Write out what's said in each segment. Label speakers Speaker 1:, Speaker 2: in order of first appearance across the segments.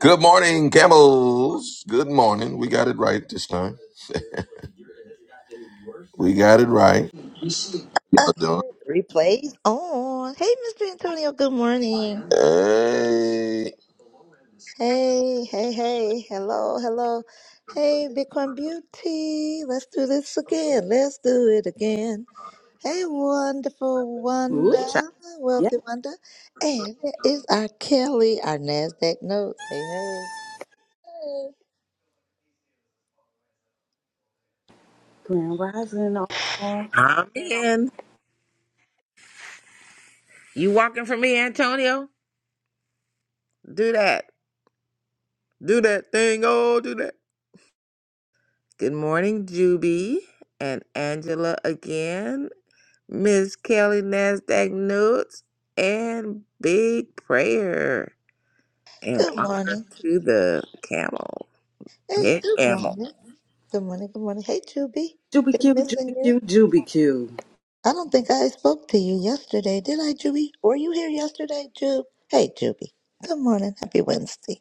Speaker 1: Good morning, camels. Good morning. We got it right this time. We got it right.
Speaker 2: Uh,
Speaker 1: Y'all doing?
Speaker 2: replays on. Hey, Mr. Antonio. Good morning.
Speaker 1: Hey.
Speaker 2: Hey, hey, hey. Hello, hello. Hey, Bitcoin Beauty. Let's do this again. Let's do it again. Hey, wonderful
Speaker 3: Ooh, child.
Speaker 2: Wanda,
Speaker 3: Yeah,
Speaker 2: wealthy Wanda. And there is our Kelly, our Nasdaq notes. Hey, hey.
Speaker 3: Grand Rising all.
Speaker 4: Amen. You walking for me, Antonio? Do that. Do that thing. Oh, do that. Good morning, Juby and Angela again. Miss Kelly Nasdaq Notes and Big Prayer. And
Speaker 2: Good
Speaker 4: honor
Speaker 2: morning.
Speaker 4: to the camel.
Speaker 2: Hey,
Speaker 4: Hey,
Speaker 2: good
Speaker 4: camel.
Speaker 2: morning. Good morning. Good morning. Hey, Juby.
Speaker 3: Juby
Speaker 2: Been
Speaker 3: Q,
Speaker 2: missing
Speaker 3: Juby
Speaker 2: you.
Speaker 3: Q, Juby Q.
Speaker 2: I don't think I spoke to you yesterday, did I, Juby? Were you here yesterday, Jube? Hey, Juby. Good morning. Happy Wednesday.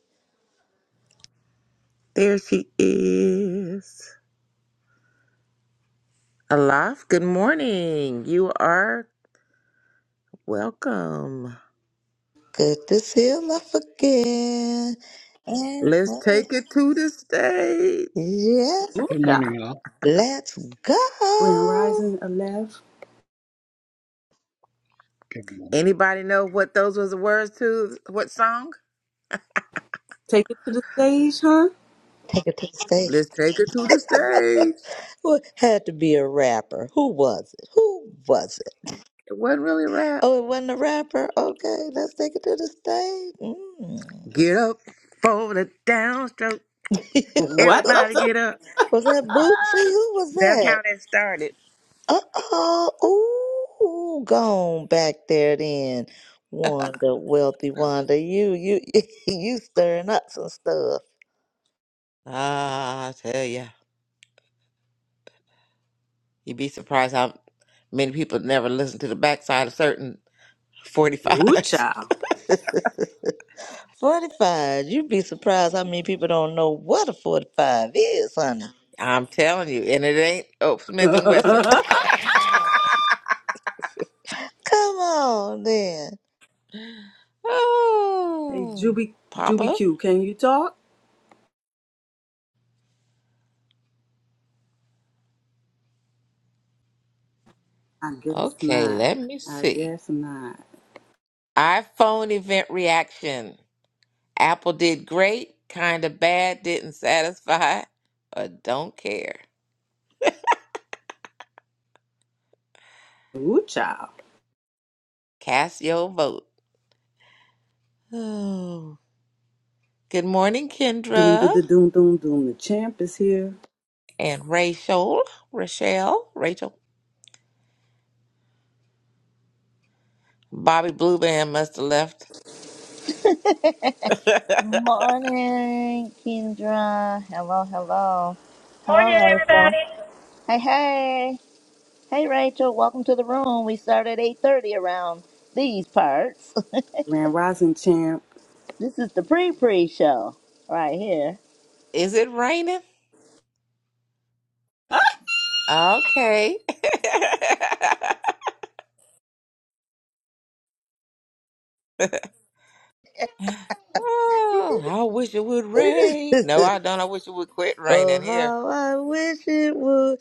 Speaker 4: There she is. Alaf, good morning. You are welcome.
Speaker 2: Good to see you love again. And
Speaker 4: Let's
Speaker 2: uh,
Speaker 4: take it to the stage.
Speaker 2: yes,
Speaker 3: Ooh,
Speaker 5: Good
Speaker 3: child.
Speaker 5: morning, all.
Speaker 2: let's
Speaker 3: Grand
Speaker 2: go.
Speaker 3: Rising Aleph.
Speaker 5: Good morning.
Speaker 4: Anybody know what those was the words to? What song?
Speaker 3: Take it to the stage, huh?
Speaker 2: Take it to the stage.
Speaker 4: Let's take her to the stage.
Speaker 2: Who had to be a rapper? Who was it? Who was it?
Speaker 4: It wasn't really a rap.
Speaker 2: Oh, it wasn't a rapper. Okay, let's take it to the
Speaker 4: Get up for the downstroke.
Speaker 2: stage. Mm.
Speaker 3: What? the
Speaker 4: Everybody
Speaker 3: the-
Speaker 4: get up.
Speaker 2: was that Bootsy? Who was
Speaker 4: That's
Speaker 2: that?
Speaker 4: how that started.
Speaker 2: Uh-oh. Ooh, gone back there then. Wanda, wealthy Wanda. You you you stirring up some stuff.
Speaker 4: Ah, I tell ya, you'd be surprised how many people never listen to the backside of certain
Speaker 3: Ooh,
Speaker 4: 45s.
Speaker 3: child.
Speaker 2: 45. You'd be surprised how many people don't know what a 45 is, honey.
Speaker 4: I'm telling you, and it ain't Oak
Speaker 3: hey,
Speaker 4: Smith and Wesson.
Speaker 2: Come on then.
Speaker 4: oh,
Speaker 3: Juby, Juby
Speaker 4: Papa.
Speaker 3: Q, can you talk? I guess
Speaker 4: Okay,
Speaker 3: not.
Speaker 4: let me
Speaker 3: I
Speaker 4: see.
Speaker 3: guess not.
Speaker 4: iPhone event reaction. Apple did great, kind of bad, didn't satisfy, or don't care.
Speaker 3: Ooh, child.
Speaker 4: Cast your vote. Oh. Good morning,
Speaker 3: Doom, da,
Speaker 4: Kendra
Speaker 3: da, doom, doom, doom. The champ is here.
Speaker 4: and Rachel. Rachel, Rachel. Bobby Blue Band must have left.
Speaker 2: Morning, Kendra. Hello, hello.
Speaker 6: Morning,
Speaker 2: Hello, Rachel.
Speaker 6: everybody.
Speaker 2: Hey, hey. Hey, Rachel. Welcome to the room. We start at 8.30 around these parts.
Speaker 3: Grand Rising champ.
Speaker 2: This is the pre-pre show right here.
Speaker 4: Is it raining? Okay. oh, I wish it would rain. No, I don't. I wish it would quit
Speaker 2: oh,
Speaker 4: raining here.
Speaker 2: how I wish it would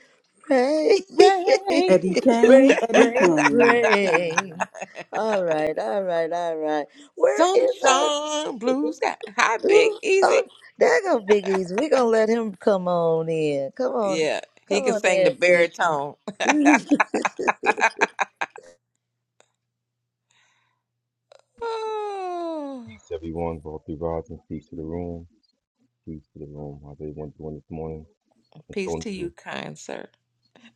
Speaker 2: rain,
Speaker 4: Rain,
Speaker 3: Eddie Kane,
Speaker 2: rain,
Speaker 3: Eddie
Speaker 2: rain,
Speaker 3: Kane.
Speaker 2: rain. All right, all right, all right. Where is our?
Speaker 4: sunshine, blue sky. Hi, Big
Speaker 2: Ooh, Oh,
Speaker 4: Easy.
Speaker 2: there go Big Easy. We gonna let him come on in. Come on,
Speaker 4: Yeah, he
Speaker 2: come
Speaker 4: can
Speaker 2: on
Speaker 4: sing the
Speaker 2: in, Big Easy.
Speaker 4: baritone. Oh,
Speaker 7: Peace, everyone. All through rods and peace to the room. Peace to the room. How's everyone doing this morning?
Speaker 4: peace to you,
Speaker 7: Antonio,
Speaker 4: kind sir.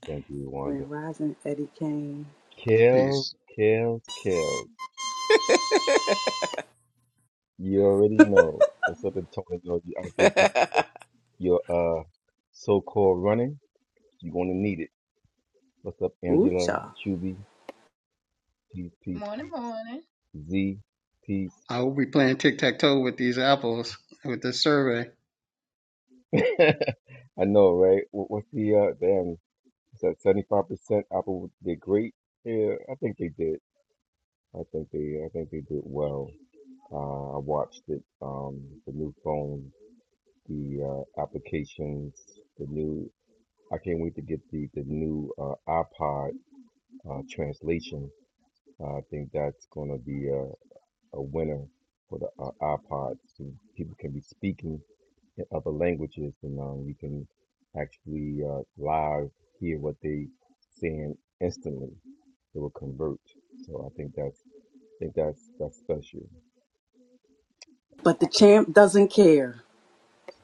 Speaker 7: thank you, Wanda.
Speaker 3: Grand Rising, Eddie Kane.
Speaker 7: Kels,
Speaker 5: Peace.
Speaker 7: Kels, Kels. You already know. What's up, Antonio? You out there doing your uh, so-called running? You're going to need it. What's up,
Speaker 3: Ooh,
Speaker 7: Angela?
Speaker 3: child.
Speaker 7: Chuby? Peace, peace,
Speaker 8: Morning,
Speaker 7: peace.
Speaker 8: morning.
Speaker 7: Z? Peace.
Speaker 5: I will be playing tic tac toe with these apples with this survey.
Speaker 7: I know, right? What, what's the, uh, damn, is that 75% Apple did great? Yeah, I think they did. I think they, I think they did well. Uh, I watched it, um, the new phones, the uh, applications, the new. I can't wait to get the the new uh, iPod uh, translation. Uh, I think that's going to be a, a winner for the uh, iPod. So people can be speaking in other languages, and um, you can actually uh, live hear what they saying instantly. It will convert. So I think that's I think that's that's special.
Speaker 3: But the champ doesn't care.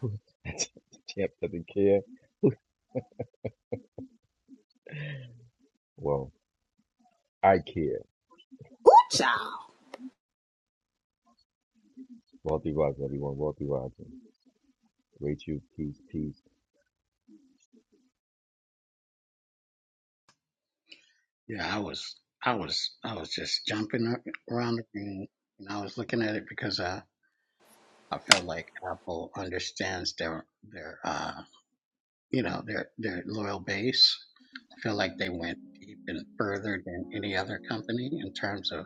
Speaker 7: The Champ doesn't care. Well. I care.
Speaker 3: Ooh, child.
Speaker 7: Wealthy rising, everyone. Wealthy rising. Rachel, peace, peace.
Speaker 5: Yeah, I was, I was, I was just jumping up around the room, and I was looking at it because I, I felt like Apple understands their, their, uh, you know, their, their loyal base. I feel like they went deep and further than any other company in terms of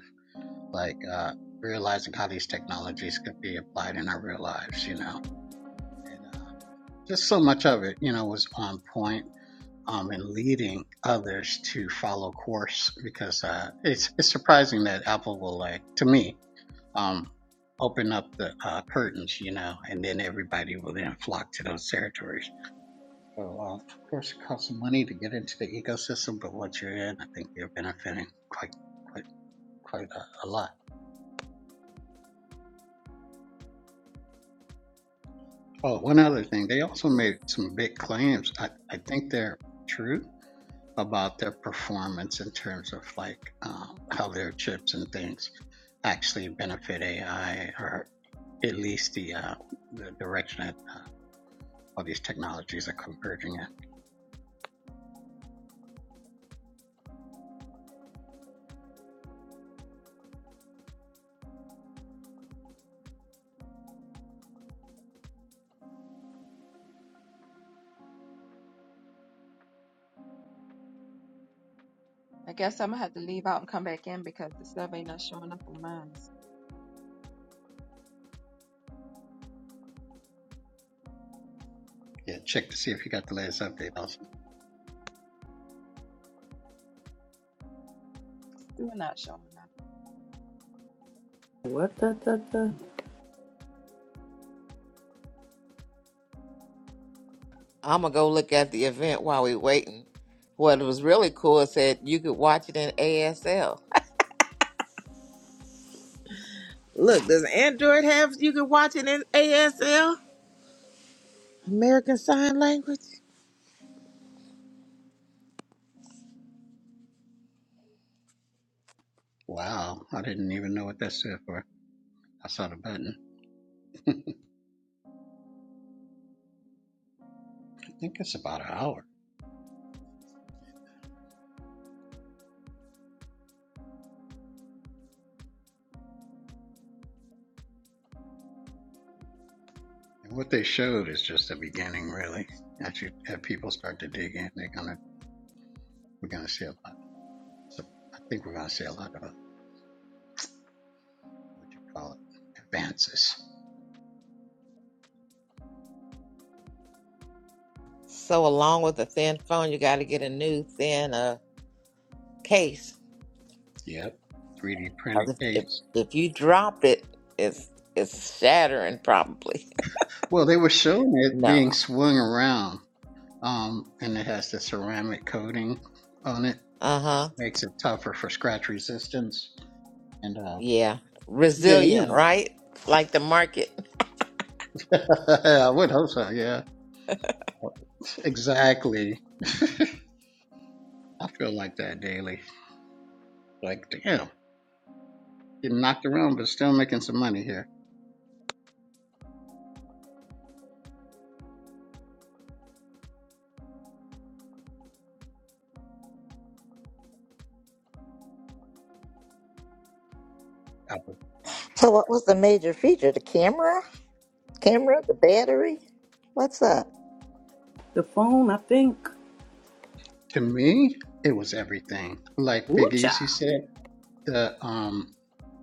Speaker 5: like uh, realizing how these technologies could be applied in our real lives. You know, and uh, just so much of it, you know, was on point um, and leading others to follow course because uh, it's it's surprising that Apple will like to me um, open up the uh, curtains, you know, and then everybody will then flock to those territories. So uh, of course it costs money to get into the ecosystem, but once you're in, I think you're benefiting quite quite quite a, a lot. Oh, one other thing, they also made some big claims. I, I think they're true about their performance in terms of like um, how their chips and things actually benefit AI or at least the uh, the direction that uh, all these technologies are converging in.
Speaker 8: I guess I'm gonna have to leave out and come back in because the survey not showing up on mine. It's
Speaker 5: Yeah, check to see if you got the latest update. Also,
Speaker 8: Still not showing up.
Speaker 3: What the, the, the,
Speaker 4: I'm gonna go look at the event while we waiting. What was really cool is that you could watch it in ASL. Look, does Android have you can watch it in ASL? American Sign Language?
Speaker 5: wow, I didn't even know what that stood for. I saw the button. I think it's about an hour. And what they showed is just the beginning, really. As you, as people start to dig in, they're gonna we're gonna see a lot. So I think we're going to see a lot of what you call it advances.
Speaker 4: So along with a thin phone, you got to get a new thin uh case.
Speaker 5: Yep. 3D printed
Speaker 4: 'Cause if, if
Speaker 5: case.
Speaker 4: if you drop it, it's it's shattering probably.
Speaker 5: Well, they were showing it
Speaker 4: No.
Speaker 5: being swung around, um, and it has the ceramic coating on it,
Speaker 4: Uh huh.
Speaker 5: makes it tougher for scratch resistance. And uh,
Speaker 4: Yeah.
Speaker 5: yeah,
Speaker 4: Resilient,
Speaker 5: you
Speaker 4: right? Like the market.
Speaker 5: know, I would hope so. Yeah, exactly. I feel like that daily. Like, damn, getting knocked around, but still making some money here. Uh,
Speaker 2: so, what was the major feature? The camera, camera, the battery. What's up?
Speaker 3: the phone, I think.
Speaker 5: To me, it was everything. Like
Speaker 3: Ooh,
Speaker 5: Big Easy
Speaker 3: child.
Speaker 5: said. the um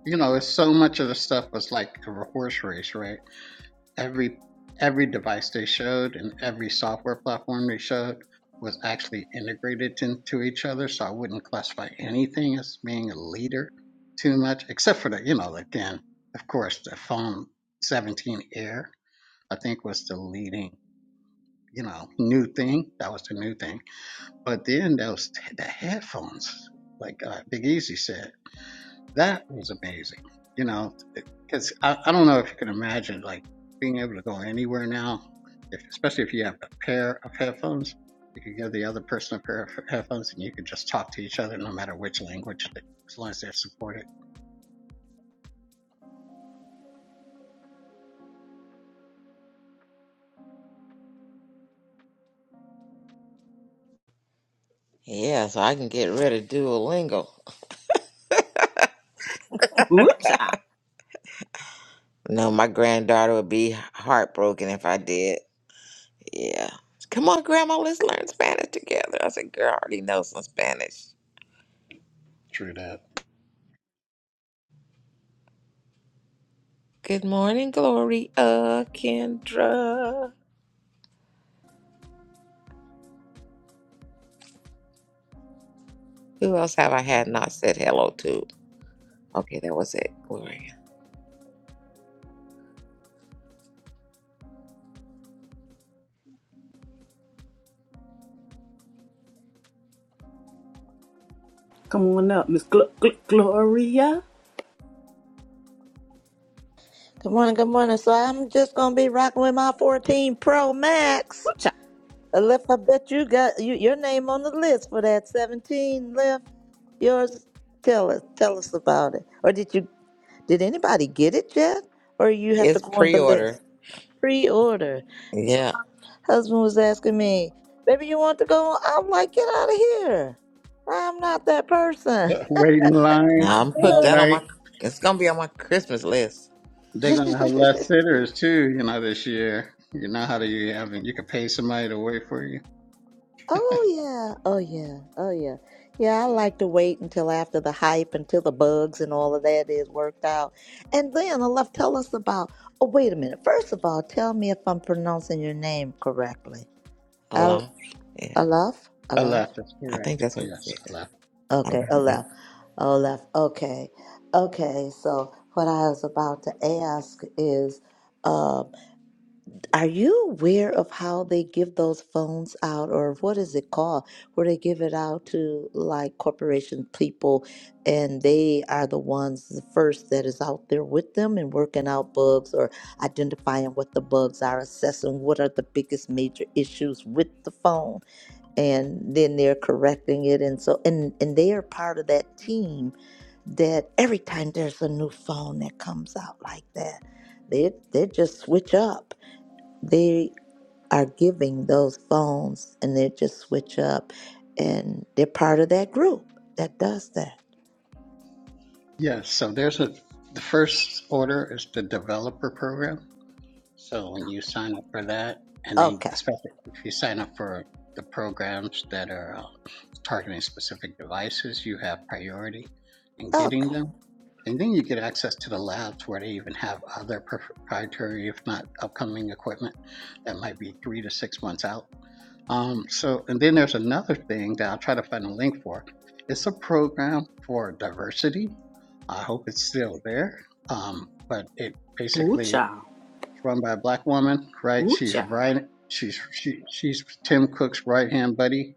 Speaker 5: you know it's so much of the stuff was like a horse race right every every device they showed and every software platform they showed was actually integrated into each other so i wouldn't classify anything as being a leader too much except for the you know again of course the phone 17 air i think was the leading you know new thing that was the new thing but then those the headphones like uh, big easy said that was amazing, you know, because I, I don't know if you can imagine like being able to go anywhere now, if, especially if you have a pair of headphones. You can give the other person a pair of headphones and you can just talk to each other no matter which language, as long as they're supported.
Speaker 4: Yeah, so I can get rid of Duolingo.
Speaker 3: Ooh, child.
Speaker 4: No, my granddaughter would be heartbroken if I did. Yeah. Come on, Grandma, let's learn Spanish together. I said, girl, I already know some Spanish.
Speaker 5: True that.
Speaker 4: Good morning, Gloria, Kendra. Who else have I had not said hello to? Okay, that was it, Gloria.
Speaker 3: Come on up, Miss Gl- Gl- Gloria.
Speaker 2: Good morning, good morning. So I'm just gonna be rocking with my 14 Pro Max.
Speaker 3: Ooh, child.
Speaker 2: Aleph, I bet you got you, your name on the list for that 17 left. Yours, tell us, tell us about it. Or did you, did anybody get it yet? Or you have to
Speaker 4: It's
Speaker 2: go on the list?
Speaker 4: pre-order.
Speaker 2: Pre-order. So
Speaker 4: Yeah,
Speaker 2: my husband was asking me, baby, you want to go? I'm like, get out of here. I'm not that person.
Speaker 5: Wait in
Speaker 4: and
Speaker 5: line
Speaker 2: I'm
Speaker 4: I'm put
Speaker 5: all
Speaker 4: that on my.
Speaker 5: night.
Speaker 4: It's gonna be on my Christmas list.
Speaker 5: They're gonna have
Speaker 2: good.
Speaker 5: less sitters too, you know, this year. You know how do you have you can pay somebody to wait for you.
Speaker 2: Oh yeah, oh yeah, oh yeah. Yeah, I
Speaker 5: Yeah.
Speaker 2: like to wait until after the hype, until the bugs and all of that is worked out. And then I love tell us about oh wait a minute. First of all, tell me if I'm pronouncing your name correctly.
Speaker 4: A
Speaker 2: Al
Speaker 4: lot. Yeah.
Speaker 2: Alaf?
Speaker 5: I
Speaker 2: Alaf?
Speaker 5: left, that's
Speaker 4: I think
Speaker 5: correct.
Speaker 4: that's what it said.
Speaker 5: Yes, I left.
Speaker 2: Okay,
Speaker 4: Okay. Yeah.
Speaker 2: Alaf. Alaf. Okay. Okay, so what I was about to ask is um, Are you aware of how they give those phones out, or what is it called, where they give it out to like corporation people, and they are the ones the first that is out there with them and working out bugs or identifying what the bugs are, assessing what are the biggest major issues with the phone, and then they're correcting it, and so and and they are part of that team that every time there's a new phone that comes out like that, they they just switch up they are giving those phones and they just switch up and they're part of that group that does that.
Speaker 5: Yes, so there's a, the first order is the developer program. So when you sign up for that, and then
Speaker 2: Okay.
Speaker 5: especially if you sign up for the programs that are uh, targeting specific devices, you have priority in
Speaker 2: Okay.
Speaker 5: getting them. And then you get access to the labs where they even have other proprietary, if not upcoming equipment that might be three to six months out. Um, so, and then there's another thing that I'll try to find a link for. It's a program for diversity. I hope it's still there. Um, but it
Speaker 3: Ooh,
Speaker 5: basically is
Speaker 3: child.
Speaker 5: run by a black woman, right?
Speaker 3: Ooh,
Speaker 5: She's
Speaker 3: child.
Speaker 5: right. She's she, she's Tim Cook's right hand buddy.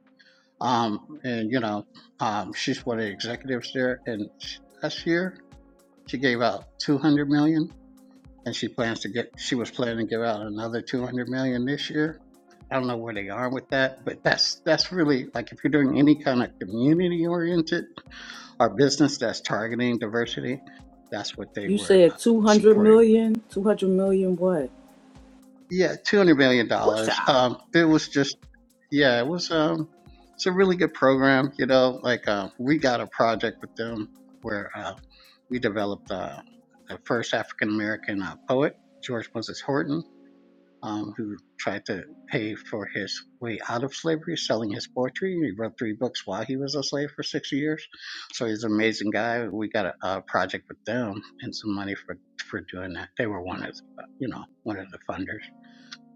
Speaker 5: Um, and you know, um, she's one of the executives there. And sh- last year, she gave out 200 million and she plans to get, she was planning to give out another 200 million this year. I don't know where they are with that, but that's that's really like if you're doing any kind of community oriented or business that's targeting diversity, that's what they
Speaker 3: You
Speaker 5: were uh,
Speaker 3: said 200
Speaker 5: supporting.
Speaker 3: million? 200 million what?
Speaker 5: Yeah, 200 million
Speaker 3: Ooh,
Speaker 5: dollars.
Speaker 3: child.
Speaker 5: Um it was just yeah, it was um it's a really good program, you know, like uh, we got a project with them where uh, we developed uh, the first African American uh, poet, George Moses Horton um, who tried to pay for his way out of slavery, selling his poetry. He wrote three books while he was a slave for six years. So he's an amazing guy. We got a, a project with them and some money for for doing that. They were one of the, you know one of the funders.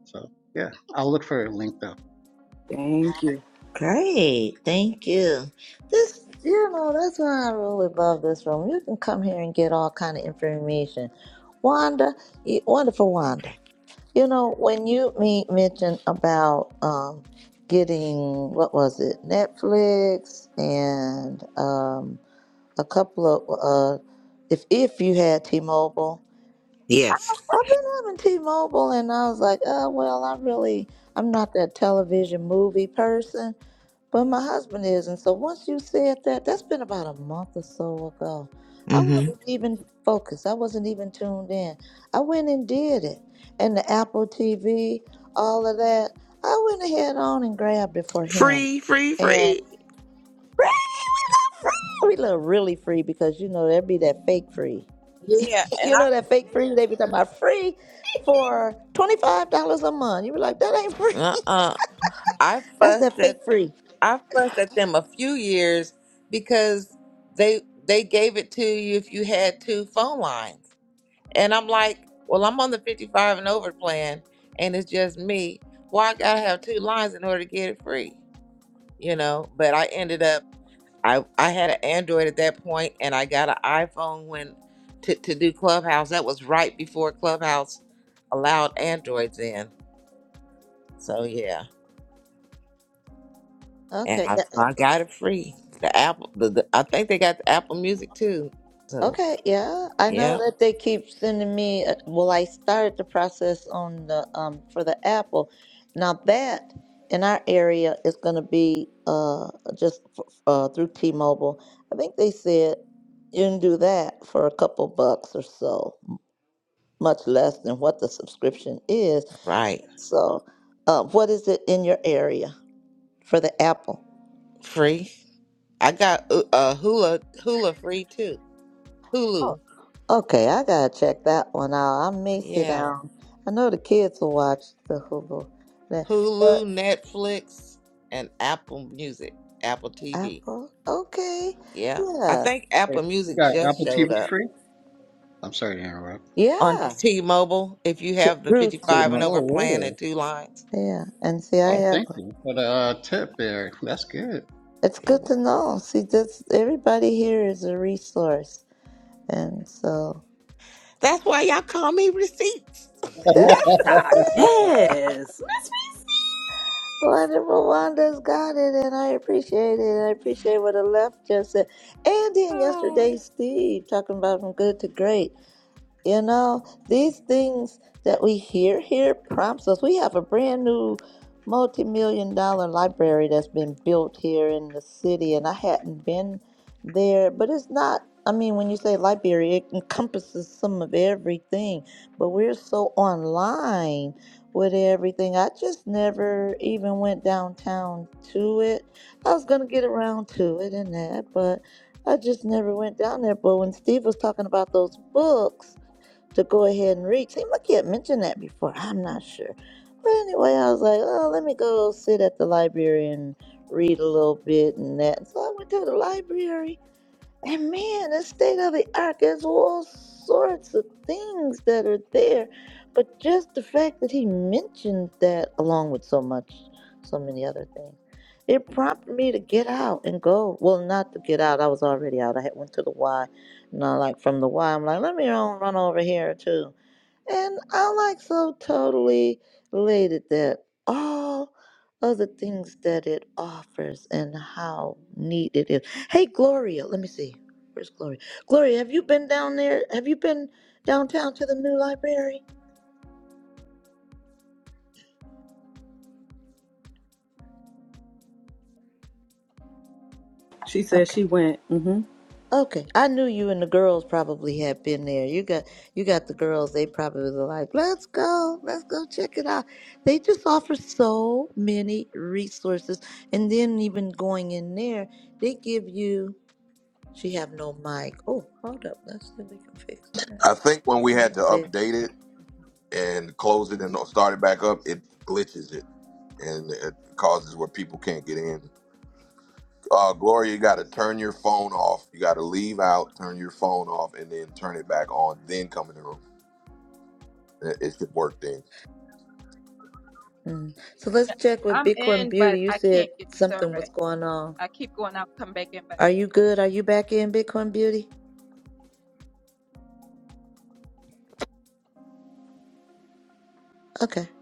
Speaker 5: So yeah, I'll look for a link though.
Speaker 3: Thank you.
Speaker 2: Great. Thank you. This you know, that's why I really love this room. You can come here and get all kind of information. Wanda, you- wonderful Wanda. You know, when you me mentioned about um getting what was it, Netflix and um a couple of uh if if you had T-Mobile. I,
Speaker 4: Yes.
Speaker 2: I've been having T-Mobile and I was like, "Oh, well, I really I'm not that television movie person, but my husband is." And so once you said that, that's been about a month or so ago. I
Speaker 4: hmm
Speaker 2: wasn't even focused. I wasn't even tuned in. I went and did it. And the Apple TV, all of that. I went ahead on and grabbed it for him.
Speaker 4: Free, free,
Speaker 2: And
Speaker 4: free.
Speaker 2: we look really free because you know there'd be that fake free.
Speaker 4: Yeah, and
Speaker 2: You
Speaker 4: I
Speaker 2: know that fake free they be talking about free for twenty five dollars a month. You be like, that ain't free.
Speaker 4: uh uh I
Speaker 2: That's that
Speaker 4: fussed
Speaker 2: fake
Speaker 4: at
Speaker 2: free.
Speaker 4: I fussed at them a few years because they they gave it to you if you had two phone lines. And I'm like, well, I'm on the 55 and over plan and it's just me. Why I gotta have two lines in order to get it free, you know? But I ended up I I had an Android at that point, and I got an iPhone when to to do Clubhouse. That was right before Clubhouse allowed Androids in. So yeah, and
Speaker 2: Okay,
Speaker 4: I
Speaker 2: yeah,
Speaker 4: so I got it free. The Apple, the, the I think they got the Apple Music too. So
Speaker 2: okay, yeah. I know
Speaker 4: yeah,
Speaker 2: that they keep sending me. uh, Well, I started the process on the um for the Apple. Now that in our area is going to be uh just f- uh through T-Mobile. I think they said you can do that for a couple bucks or so, much less than what the subscription is
Speaker 4: right,
Speaker 2: So, uh, what is it in your area for the apple?
Speaker 4: free. I got uh uh, Hula Hula free too.
Speaker 2: Oh,
Speaker 4: Hulu,
Speaker 2: okay. I gotta check that one out. I may sit
Speaker 4: yeah,
Speaker 2: down. I know the kids will watch the Hulu. But but
Speaker 4: Hulu, Netflix, and Apple Music, Apple TV.
Speaker 2: Apple, okay,
Speaker 4: Yeah, I
Speaker 2: yeah,
Speaker 4: think
Speaker 5: Hey,
Speaker 4: Apple
Speaker 5: you
Speaker 4: Music
Speaker 5: got
Speaker 4: just
Speaker 5: Apple TV
Speaker 4: showed up.
Speaker 5: free? I'm sorry to interrupt.
Speaker 4: on
Speaker 2: yeah.
Speaker 4: T-Mobile if you
Speaker 2: To,
Speaker 4: have the
Speaker 2: through to
Speaker 4: 55 and over
Speaker 5: Oh
Speaker 4: plan
Speaker 5: really?
Speaker 4: at two lines.
Speaker 2: yeah. And see, I
Speaker 4: Yeah.
Speaker 5: Oh,
Speaker 2: have.
Speaker 5: thank you for the uh, tip there. That's good.
Speaker 2: It's
Speaker 4: it
Speaker 2: good
Speaker 4: will.
Speaker 2: to know. See, this everybody here is a resource, and so
Speaker 4: That's why y'all call me receipts.
Speaker 2: that's
Speaker 3: Ooh, child.
Speaker 2: it.
Speaker 3: Yes. Miss me.
Speaker 2: Glad that Rwanda's got it, and I appreciate it. I appreciate what the left just said. And then
Speaker 4: Oh.
Speaker 2: yesterday, Steve talking about from good to great. You know, these things that we hear here prompts us. We have a brand new multi-million dollar library that's been built here in the city, and I hadn't been there, but it's not. I mean, when you say library, it encompasses some of everything, but we're so online with everything. I just never even went downtown to it. I was gonna get around to it and that, but I just never went down there. But when Steve was talking about those books, to go ahead and read. Seemed like he had mentioned that before. I'm not sure. But anyway, I was like, oh, let me go sit at the library and read a little bit and that. And so I went to the library and man, the state of the art, there's all sorts of things that are there. But just the fact that he mentioned that, along with so much, so many other things, it prompted me to get out and go. Well, not to get out. I was already out. I had went to the Y, and I like from the Y. I'm like, let me run run over here too. And I like so totally related that all of the things that it offers and how neat it is. Hey, Gloria, let me see. Where's Gloria? Gloria, have you been down there? Have you been downtown to the new library?
Speaker 3: She said
Speaker 2: Okay.
Speaker 3: she went, mm-hmm.
Speaker 2: Okay. I knew you and the girls probably had been there. You got you got the girls, they probably were like, Let's go, let's go check it out. They just offer so many resources. And then even going in there, they give you She have no mic. Oh, hold up. Let's see if we can fix that.
Speaker 1: I think when we
Speaker 2: It
Speaker 1: had
Speaker 2: might-
Speaker 1: to
Speaker 2: there-
Speaker 1: update it and close it and start it back up, it glitches it and it causes where people can't get in. Uh, Gloria, you got to turn your phone off. You got to leave out, turn your phone off, and then turn it back on. Then come in the room. It it should work then.
Speaker 2: mm. So let's check with
Speaker 8: I'm
Speaker 2: Bitcoin
Speaker 8: in,
Speaker 2: Beauty.
Speaker 8: but
Speaker 2: You
Speaker 8: I
Speaker 2: said
Speaker 8: can't get the
Speaker 2: something was
Speaker 8: survey.
Speaker 2: going on.
Speaker 8: I keep going out and come back in, but I
Speaker 2: Are
Speaker 8: can't
Speaker 2: you good? Are
Speaker 8: get
Speaker 2: you back in Bitcoin Beauty? Okay.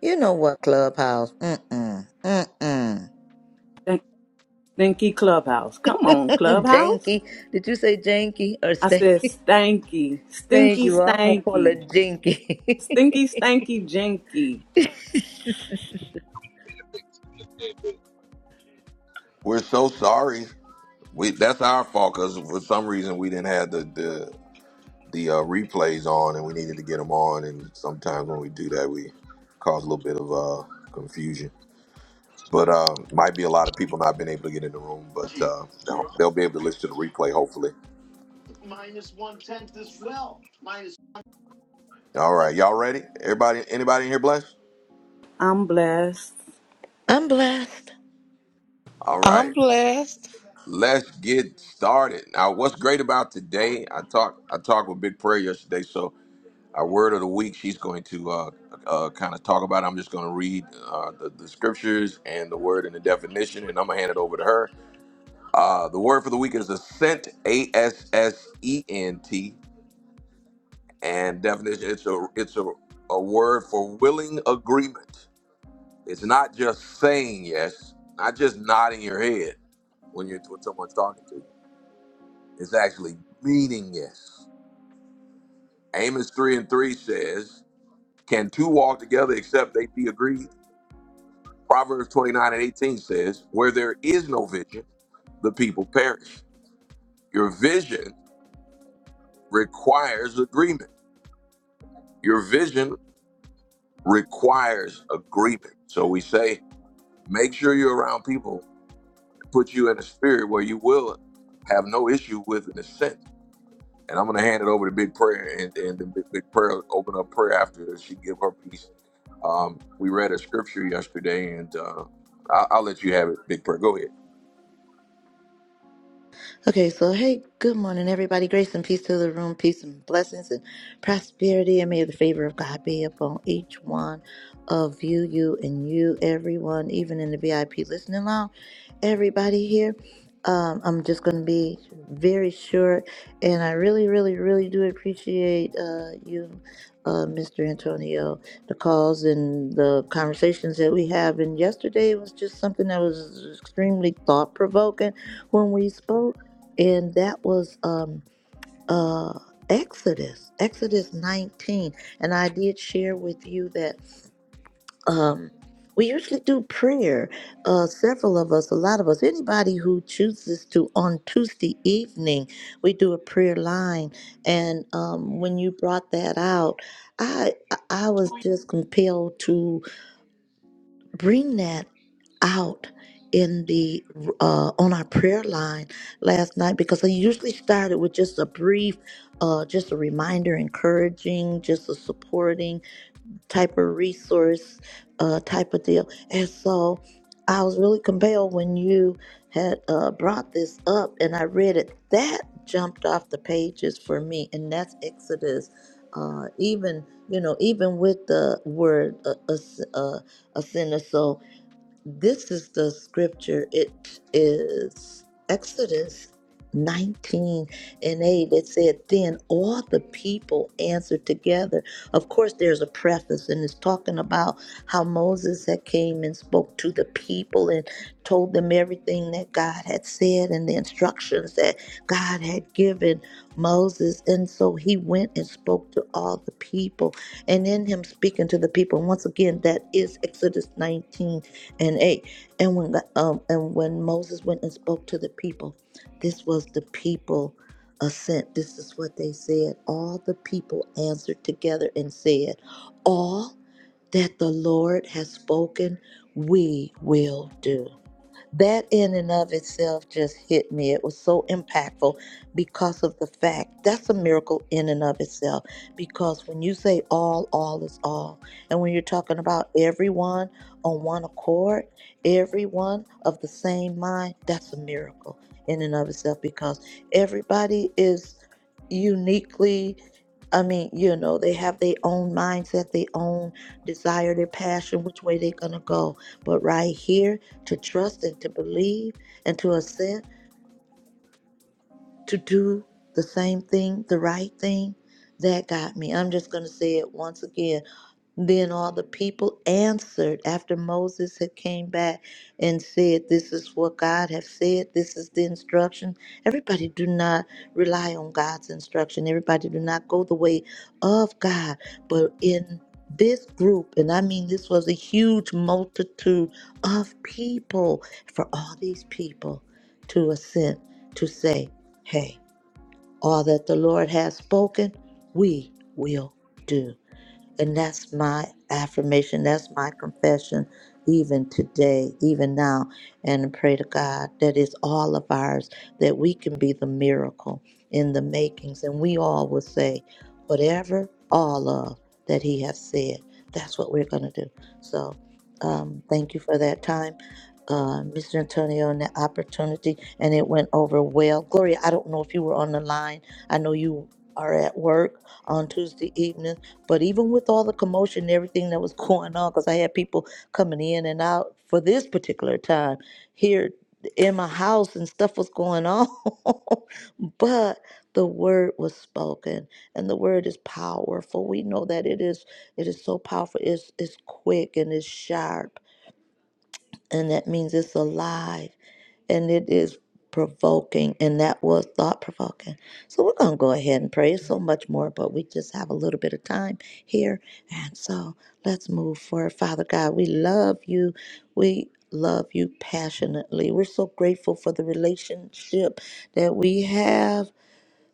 Speaker 2: You know what, Clubhouse? Mm-mm. Mm-mm.
Speaker 3: Thank, thanky Clubhouse. Come on, Clubhouse.
Speaker 2: janky. Did you say janky or
Speaker 3: I
Speaker 2: say
Speaker 3: said, stanky.
Speaker 2: thank
Speaker 3: Stinky,
Speaker 2: you? I'm gonna call
Speaker 3: stanky.
Speaker 2: it jinky.
Speaker 3: Stinky, stanky, jinky.
Speaker 1: We're so sorry. We that's our fault because for some reason we didn't have the the the uh, replays on and we needed to get them on and sometimes when we do that we cause a little bit of uh, confusion. But uh, might be a lot of people not been able to get in the room, but uh, they'll, they'll be able to listen to the replay hopefully. All right, y'all ready? Everybody, anybody in here blessed?
Speaker 3: I'm blessed.
Speaker 2: I'm blessed.
Speaker 1: All
Speaker 4: I'm
Speaker 1: right,
Speaker 4: blessed.
Speaker 1: let's get started. Now, what's great about today? I talked I talked with Big Prayer yesterday, so. Our word of the week, she's going to uh, uh, kind of talk about. it. I'm just going to read uh, the, the scriptures and the word and the definition, and I'm going to hand it over to her. Uh, the word for the week is ascent, A S S E N T, and definition. It's a it's a, a word for willing agreement. It's not just saying yes, not just nodding your head when you're when someone's talking to you. It's actually meaning yes. Amos three and three says, "Can two walk together except they be agreed?" Proverbs 29 and 18 says, Where there is no vision, the people perish. Your vision requires agreement. Your vision requires agreement. So we say, make sure you're around people that put you in a spirit where you will have no issue with an assent. And I'm going to hand it over to Big Prayer, and, and the Big, Big Prayer will open up prayer after she give her piece. Um, we read a scripture yesterday, and uh, I'll, I'll let you have it, Big Prayer. Go ahead.
Speaker 2: Okay, so hey, good morning, everybody. Grace and peace to the room, peace and blessings and prosperity, and may the favor of God be upon each one of you, you and you, everyone, even in the VIP listening lounge. Everybody here, um, I'm just going to be very short, and I really, really, really do appreciate uh, you, uh, Mr. Antonio, the calls and the conversations that we have. And yesterday was just something that was extremely thought provoking when we spoke and that was um uh Exodus, Exodus 19. And I did share with you that um we usually do prayer, uh several of us, a lot of us, anybody who chooses to on Tuesday evening, we do a prayer line. And um when you brought that out, I I I was just compelled to bring that out in the uh on our prayer line last night because I usually started with just a brief uh just a reminder encouraging just a supporting type of resource uh type of deal and so I was really compelled when you had uh brought this up and I read it that jumped off the pages for me and that's Exodus uh even you know even with the word uh, uh, uh a sinner so this is the scripture. It is Exodus 19 and 8. It said, Then all the people answered together. Of course, there's a preface, and it's talking about how Moses had came and spoke to the people and told them everything that God had said and the instructions that God had given Moses. And so he went and spoke to all the people. And in him speaking to the people, and once again, that is Exodus 19 and 8 and when the- um and when moses went and spoke to the people this was the people assent this is what they said all the people answered together and said all that the lord has spoken we will do that in and of itself just hit me. It was so impactful because of the fact that's a miracle in and of itself. Because when you say all, all is all. And when you're talking about everyone on one accord, everyone of the same mind, that's a miracle in and of itself because everybody is uniquely I mean, you know, they have their own mindset, their own desire, their passion, which way they're going to go. But right here, to trust and to believe and to accept, to do the same thing, the right thing, that got me. I'm just going to say it once again then all the people answered after Moses had came back and said, This is what God have said, this is the instruction. Everybody do not rely on God's instruction. Everybody do not go the way of God. But in this group, and I mean this was a huge multitude of people for all these people to assent to say, Hey, all that the Lord has spoken, we will do. And that's my affirmation. That's my confession, even today, even now. And I pray to God that it's all of ours, that we can be the miracle in the makings. And we all will say, whatever all of that He has said, that's what we're going to do. So um, thank you for that time. Uh, Mr. Antonio, and the opportunity, and it went over well. Gloria, I don't know if you were on the line. I know you are at work on Tuesday evening, but even with all the commotion and everything that was going on, because I had people coming in and out for this particular time here in my house and stuff was going on. but the word was spoken and the word is powerful. We know that it is it is so powerful. It's it's quick and it's sharp. And that means it's alive and it is provoking, and that was thought provoking. So we're going to go ahead and pray There's so much more, but we just have a little bit of time here. And so let's move forward. Father God, we love you. We love you passionately. We're so grateful for the relationship that we have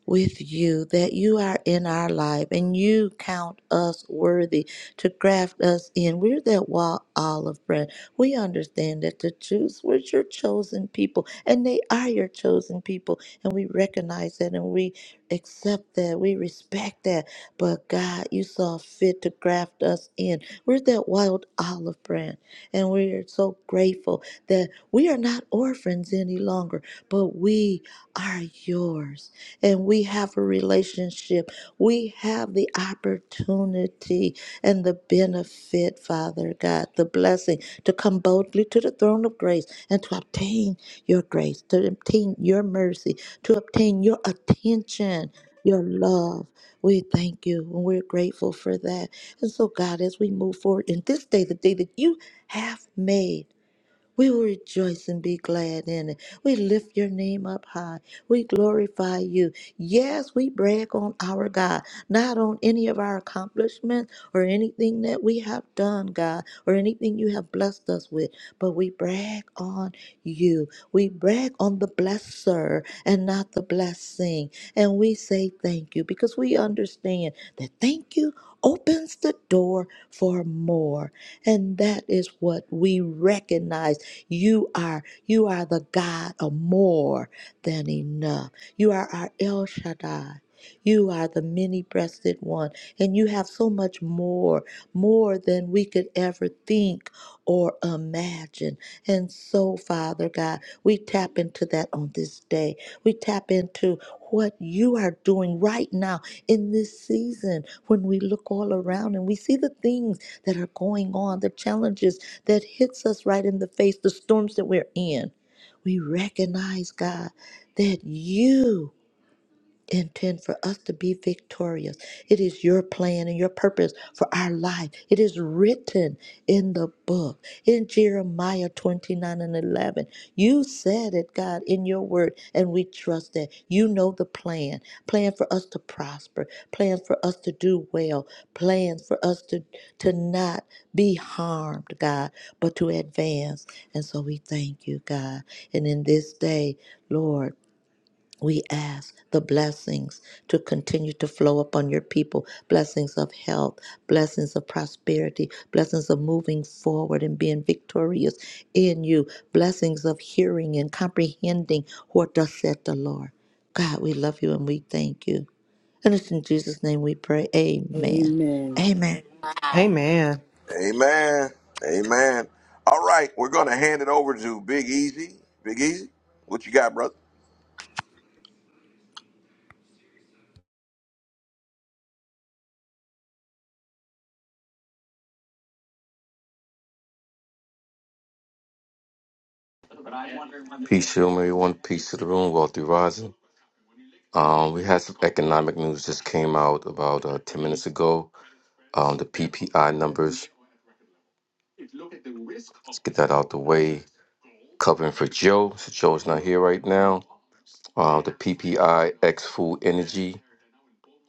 Speaker 2: with you, that you are in our life and you count us worthy to graft us in. We're that wild olive branch. We understand that the Jews were your chosen people and they are your chosen people. And we recognize that and we accept that. We respect that. But God, you saw fit to graft us in. We're that wild olive branch. And we are so grateful that we are not orphans any longer, but we are yours and we have a relationship. We have the opportunity and the benefit, Father God, the blessing to come boldly to the throne of grace and to obtain your grace, to obtain your mercy, to obtain your attention, your love. We thank you and we're grateful for that. And so, God, as we move forward in this day, the day that you have made, we will rejoice and be glad in it. We lift your name up high. We glorify you. Yes, we brag on our God, not on any of our accomplishments or anything that we have done, God, or anything you have blessed us with, but we brag on you. We brag on the blesser and not the blessing. And we say thank you because we understand that thank you opens the door for more. And that is what we recognize. You are you are the God of more than enough. You are our El Shaddai. You are the many-breasted one, and you have so much more, more than we could ever think or imagine. And so, Father God, we tap into that on this day. We tap into what you are doing right now in this season when we look all around and we see the things that are going on, the challenges that hits us right in the face, the storms that we're in, we recognize, God, that you intend for us to be victorious. It is your plan and your purpose for our life. It is written in the book. In Jeremiah 29 and 11, you said it, God, in your word, and we trust that. You know the plan plan for us to prosper, plan for us to do well, plan for us to, to not be harmed, God, but to advance. And so we thank you, God. And in this day, Lord, we ask the blessings to continue to flow upon your people blessings of health, blessings of prosperity, blessings of moving forward and being victorious in you, blessings of hearing and comprehending what thus said the Lord. God, we love you and we thank you. And it's in Jesus' name we pray. Amen.
Speaker 3: Amen.
Speaker 2: Amen.
Speaker 9: Hey man.
Speaker 1: Amen. Amen. All right, we're going to hand it over to Big Easy. Big Easy, what you got, brother?
Speaker 7: Peace, to everyone. Peace to the room. Wealthy rising. Um, we had some economic news just came out about uh, ten minutes ago. Um, the PPI numbers. Let's get that out the way. Covering for Joe. So Joe's not here right now. Uh, the PPIX Food Energy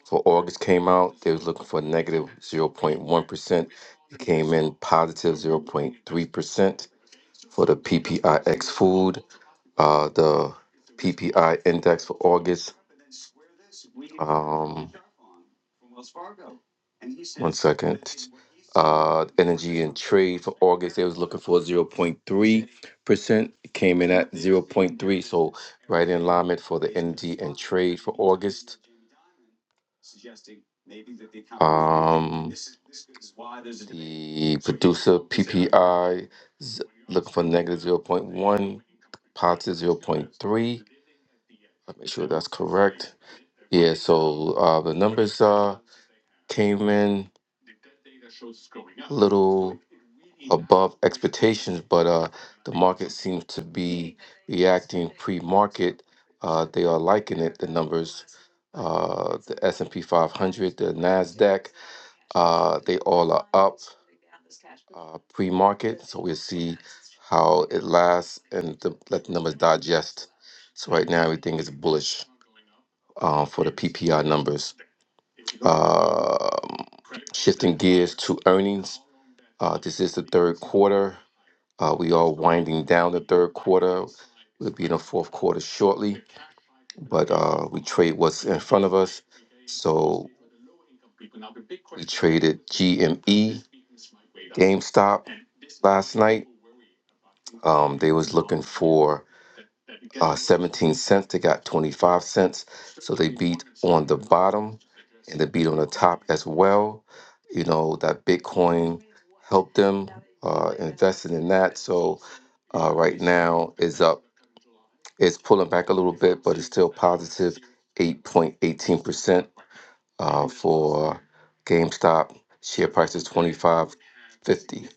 Speaker 7: for August came out. They was looking for negative zero point one percent. It came in positive zero point three percent for the PPIX Food. uh, the PPI index for August. Um, one second. Uh, energy and trade for August, they was looking for zero point 0.3 percent, came in at zero point 0.3, so right in alignment for the energy and trade for August. Um, the producer PPI is looking for negative zero point 0.1, positive zero point 0.3. Make sure that's correct. Yeah, so uh, the numbers uh, came in a little above expectations, but uh, the market seems to be reacting pre-market. Uh, they are liking it. The numbers, uh, the S and P 500, the Nasdaq, uh, they all are up uh, pre-market. So we'll see how it lasts and the, let the numbers digest. So right now everything is bullish uh, for the PPI numbers. Um shifting gears to earnings. Uh, this is the third quarter. Uh, we are winding down the third quarter. We'll be in the fourth quarter shortly, but uh, we trade what's in front of us. So we traded GME, GameStop last night. Um, they was looking for uh, 17 cents. They got 25 cents. So they beat on the bottom and they beat on the top as well. You know, that Bitcoin helped them uh, investing in that. So uh, right now is up. It's pulling back a little bit, but it's still 8.18% uh, for GameStop share price is twenty five fifty.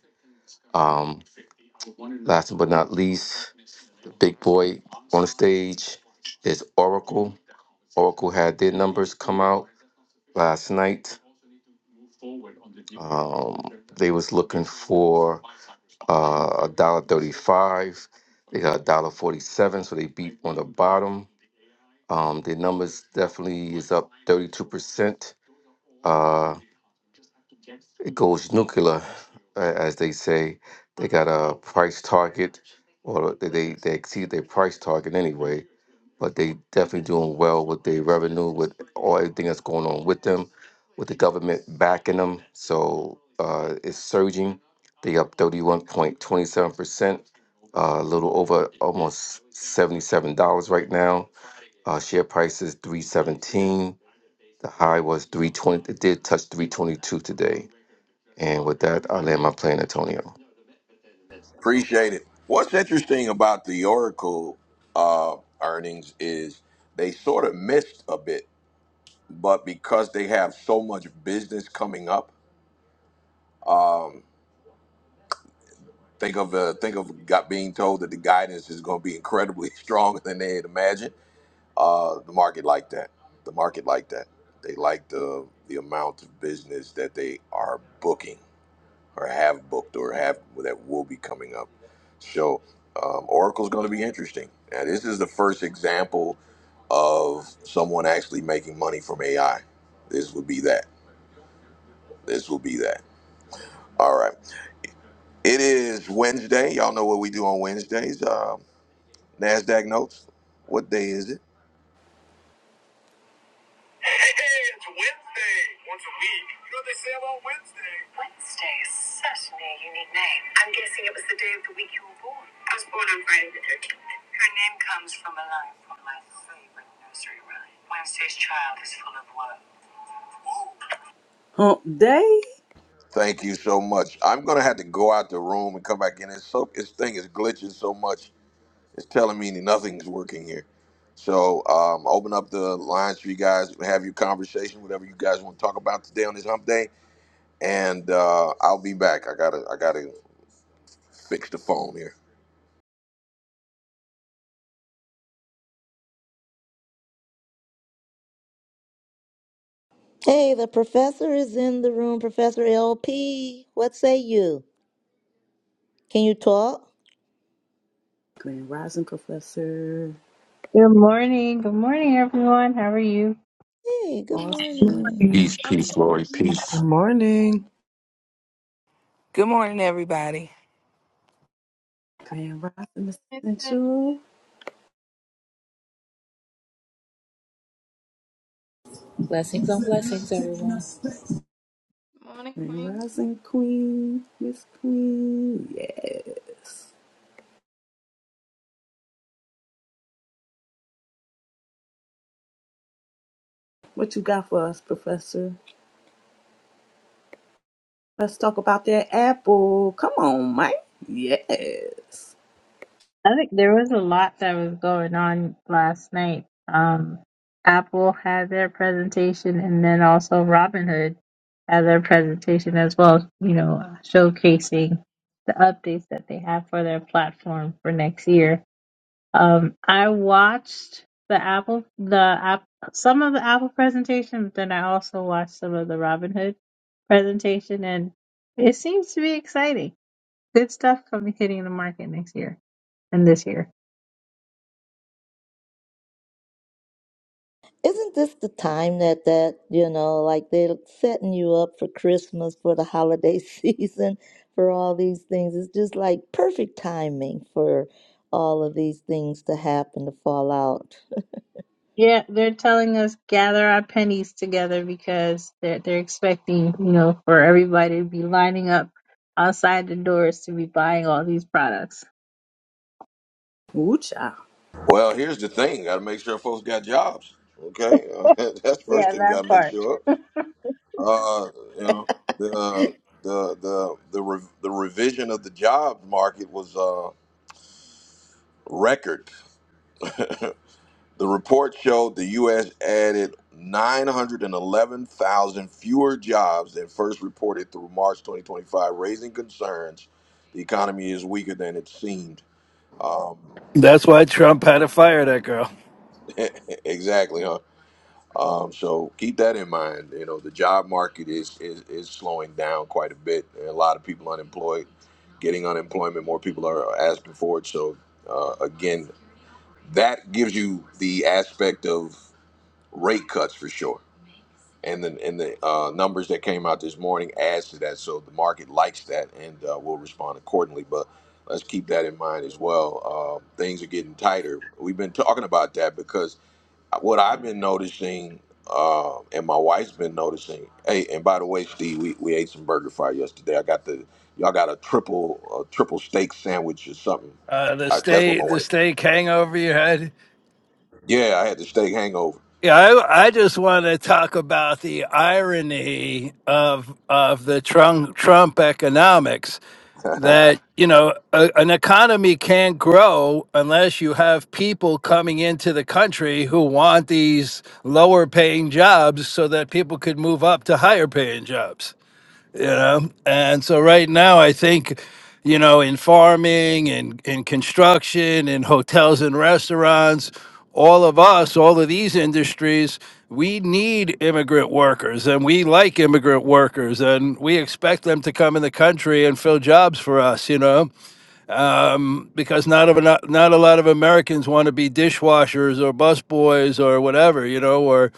Speaker 7: Um, last but not least, the big boy on the stage is Oracle. Oracle had their numbers come out last night. Um, they was looking for uh, a dollar thirty-five. They got a dollar forty-seven, so they beat on the bottom. Um, their numbers definitely is up thirty-two percent. Uh, it goes nuclear, a- as they say. They got a price target, or they they they exceed their price target anyway. But they definitely doing well with their revenue, with all everything that's going on with them, with the government backing them. So uh, it's surging. They up thirty one point twenty seven percent, uh, a little over almost seventy seven dollars right now. Uh, share price is three seventeen. The high was three twenty. It did touch three twenty two today and with that, I land my plane, Antonio.
Speaker 1: Appreciate it. What's interesting about the Oracle uh, earnings is they sort of missed a bit, but because they have so much business coming up, um, think of uh, think of got being told that the guidance is going to be incredibly stronger than they had imagined. Uh, the market like that. The market like that. They like the the amount of business that they are booking or have booked or have that will be coming up. So um, Oracle's going to be interesting. Now, this is the first example of someone actually making money from AI. This would be that. This will be that. All right. It is Wednesday. Y'all know what we do on Wednesdays. Um, Nasdaq notes. What day is it?
Speaker 3: Hump day.
Speaker 1: Thank you so much. I'm gonna have to go out the room and come back in. It's so this thing is glitching so much. It's telling me nothing's working here. So um, open up the lines for you guys. Have your conversation, whatever you guys want to talk about today on this Hump Day, and uh, I'll be back. I gotta I gotta fix the phone here.
Speaker 2: Hey, the professor is in the room. Professor LP, what say you? Can you talk?
Speaker 3: Grand Rising Professor.
Speaker 10: Good morning. Good morning, everyone. How are you?
Speaker 2: Hey, good
Speaker 3: Awesome.
Speaker 2: morning.
Speaker 7: Peace,
Speaker 8: the survey. Morning,
Speaker 7: peace, Lori.
Speaker 8: Morgan.
Speaker 7: Peace.
Speaker 9: Good morning.
Speaker 11: Good morning, everybody.
Speaker 3: Grand Rising
Speaker 8: Miss Sandra.
Speaker 3: Essential.
Speaker 12: Blessings on blessings, everyone.
Speaker 8: Morning,
Speaker 3: Grand
Speaker 8: Queen.
Speaker 3: Rising Queen. Miss Queen. Yes. What you got for us, Professor? Let's talk about that apple. Come on, Mike. Yes.
Speaker 10: I think there was a lot that was going on last night. Um, Apple had their presentation, and then also Robinhood had their presentation as well, you know, showcasing the updates that they have for their platform for next year. Um, I watched the Apple, the app, some of the Apple presentation, but then I also watched some of the Robinhood presentation, and it seems to be exciting. Good stuff coming hitting the market next year and this year.
Speaker 2: Isn't this the time that that, you know, like they're setting you up for Christmas, for the holiday season, for all these things? It's just like perfect timing for all of these things to happen, to fall out.
Speaker 10: Yeah, they're telling us gather our pennies together because they're they're expecting, you know, for everybody to be lining up outside the doors to be buying all these products.
Speaker 3: Ooh-cha.
Speaker 1: Well, here's the thing. Gotta make sure folks got jobs. Okay, that's the first
Speaker 10: Yeah,
Speaker 1: thing we
Speaker 10: that
Speaker 1: gotta make
Speaker 10: part.
Speaker 1: sure. Uh, you know the the the the re- the revision of the job market was. Uh, record. The report showed the U.S. added 911,000 fewer jobs than first reported through March 2025, raising concerns the economy is weaker than it seemed. Um,
Speaker 13: That's why Trump had to fire that girl.
Speaker 1: exactly, huh? Um, so keep that in mind. You know, the job market is, is is slowing down quite a bit. A lot of people unemployed, getting unemployment. More people are asking for it. So uh, again, that gives you the aspect of rate cuts for sure and the and the uh, numbers that came out this morning adds to that. So the market likes that and uh, will respond accordingly. But let's keep that in mind as well. Uh, things are getting tighter. We've been talking about that because what I've been noticing. Uh, and my wife's been noticing. Hey, and by the way, Steve, we, we ate some burger fry yesterday. I got the y'all got a triple a triple steak sandwich or something.
Speaker 13: Uh, the
Speaker 1: I, that's what my
Speaker 13: state, the
Speaker 1: wife.
Speaker 13: state hang over your head.
Speaker 1: Yeah, I had the steak hangover.
Speaker 13: Yeah, I, I just want to talk about the irony of of the Trump Trump economics that you know a, an economy can't grow unless you have people coming into the country who want these lower paying jobs so that people could move up to higher paying jobs. you know and so right now i think you know in farming and in construction and hotels and restaurants all of us all of these industries we need immigrant workers and we like immigrant workers and we expect them to come in the country and fill jobs for us you know because not of not, not a lot of americans want to be dishwashers or busboys or whatever you know or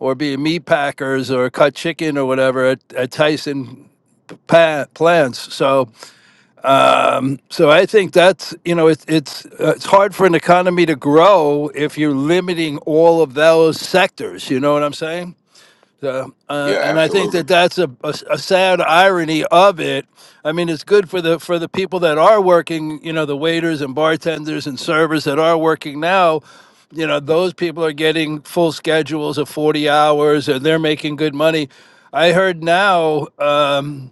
Speaker 13: or be meat packers or cut chicken or whatever at, at Tyson pa- plans. So, um, so I think that's you know it's it's uh, it's hard for an economy to grow if you're limiting all of those sectors. You know what I'm saying? So, uh,
Speaker 1: Yeah,
Speaker 13: and I think
Speaker 1: absolutely.
Speaker 13: that that's a, a, a sad irony of it. I mean, it's good for the for the people that are working. You know, the waiters and bartenders and servers that are working now you know those people are getting full schedules of 40 hours and they're making good money i heard now um,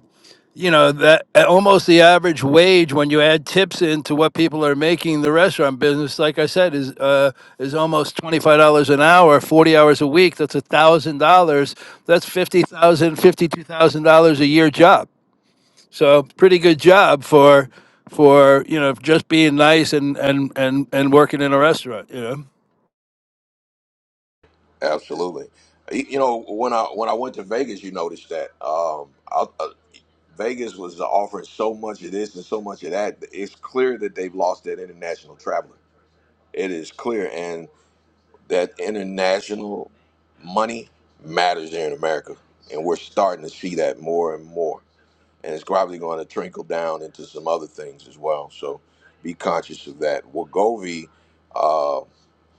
Speaker 13: you know that uh, almost the average wage when you add tips into what people are making in the restaurant business like i said is uh, is almost $25 an hour 40 hours a week that's $1000 that's fifty thousand, fifty two thousand dollars a year job so pretty good job for for you know just being nice and and and and working in a restaurant you know
Speaker 1: Absolutely. You you know, when I when I went to Vegas, you noticed that um, I, uh, Vegas was offering so much of this and so much of that. It's clear that they've lost that international traveler. It is clear, and that international money matters here in America, and we're starting to see that more and more. And it's probably going to trickle down into some other things as well. So be conscious of that. Wagovi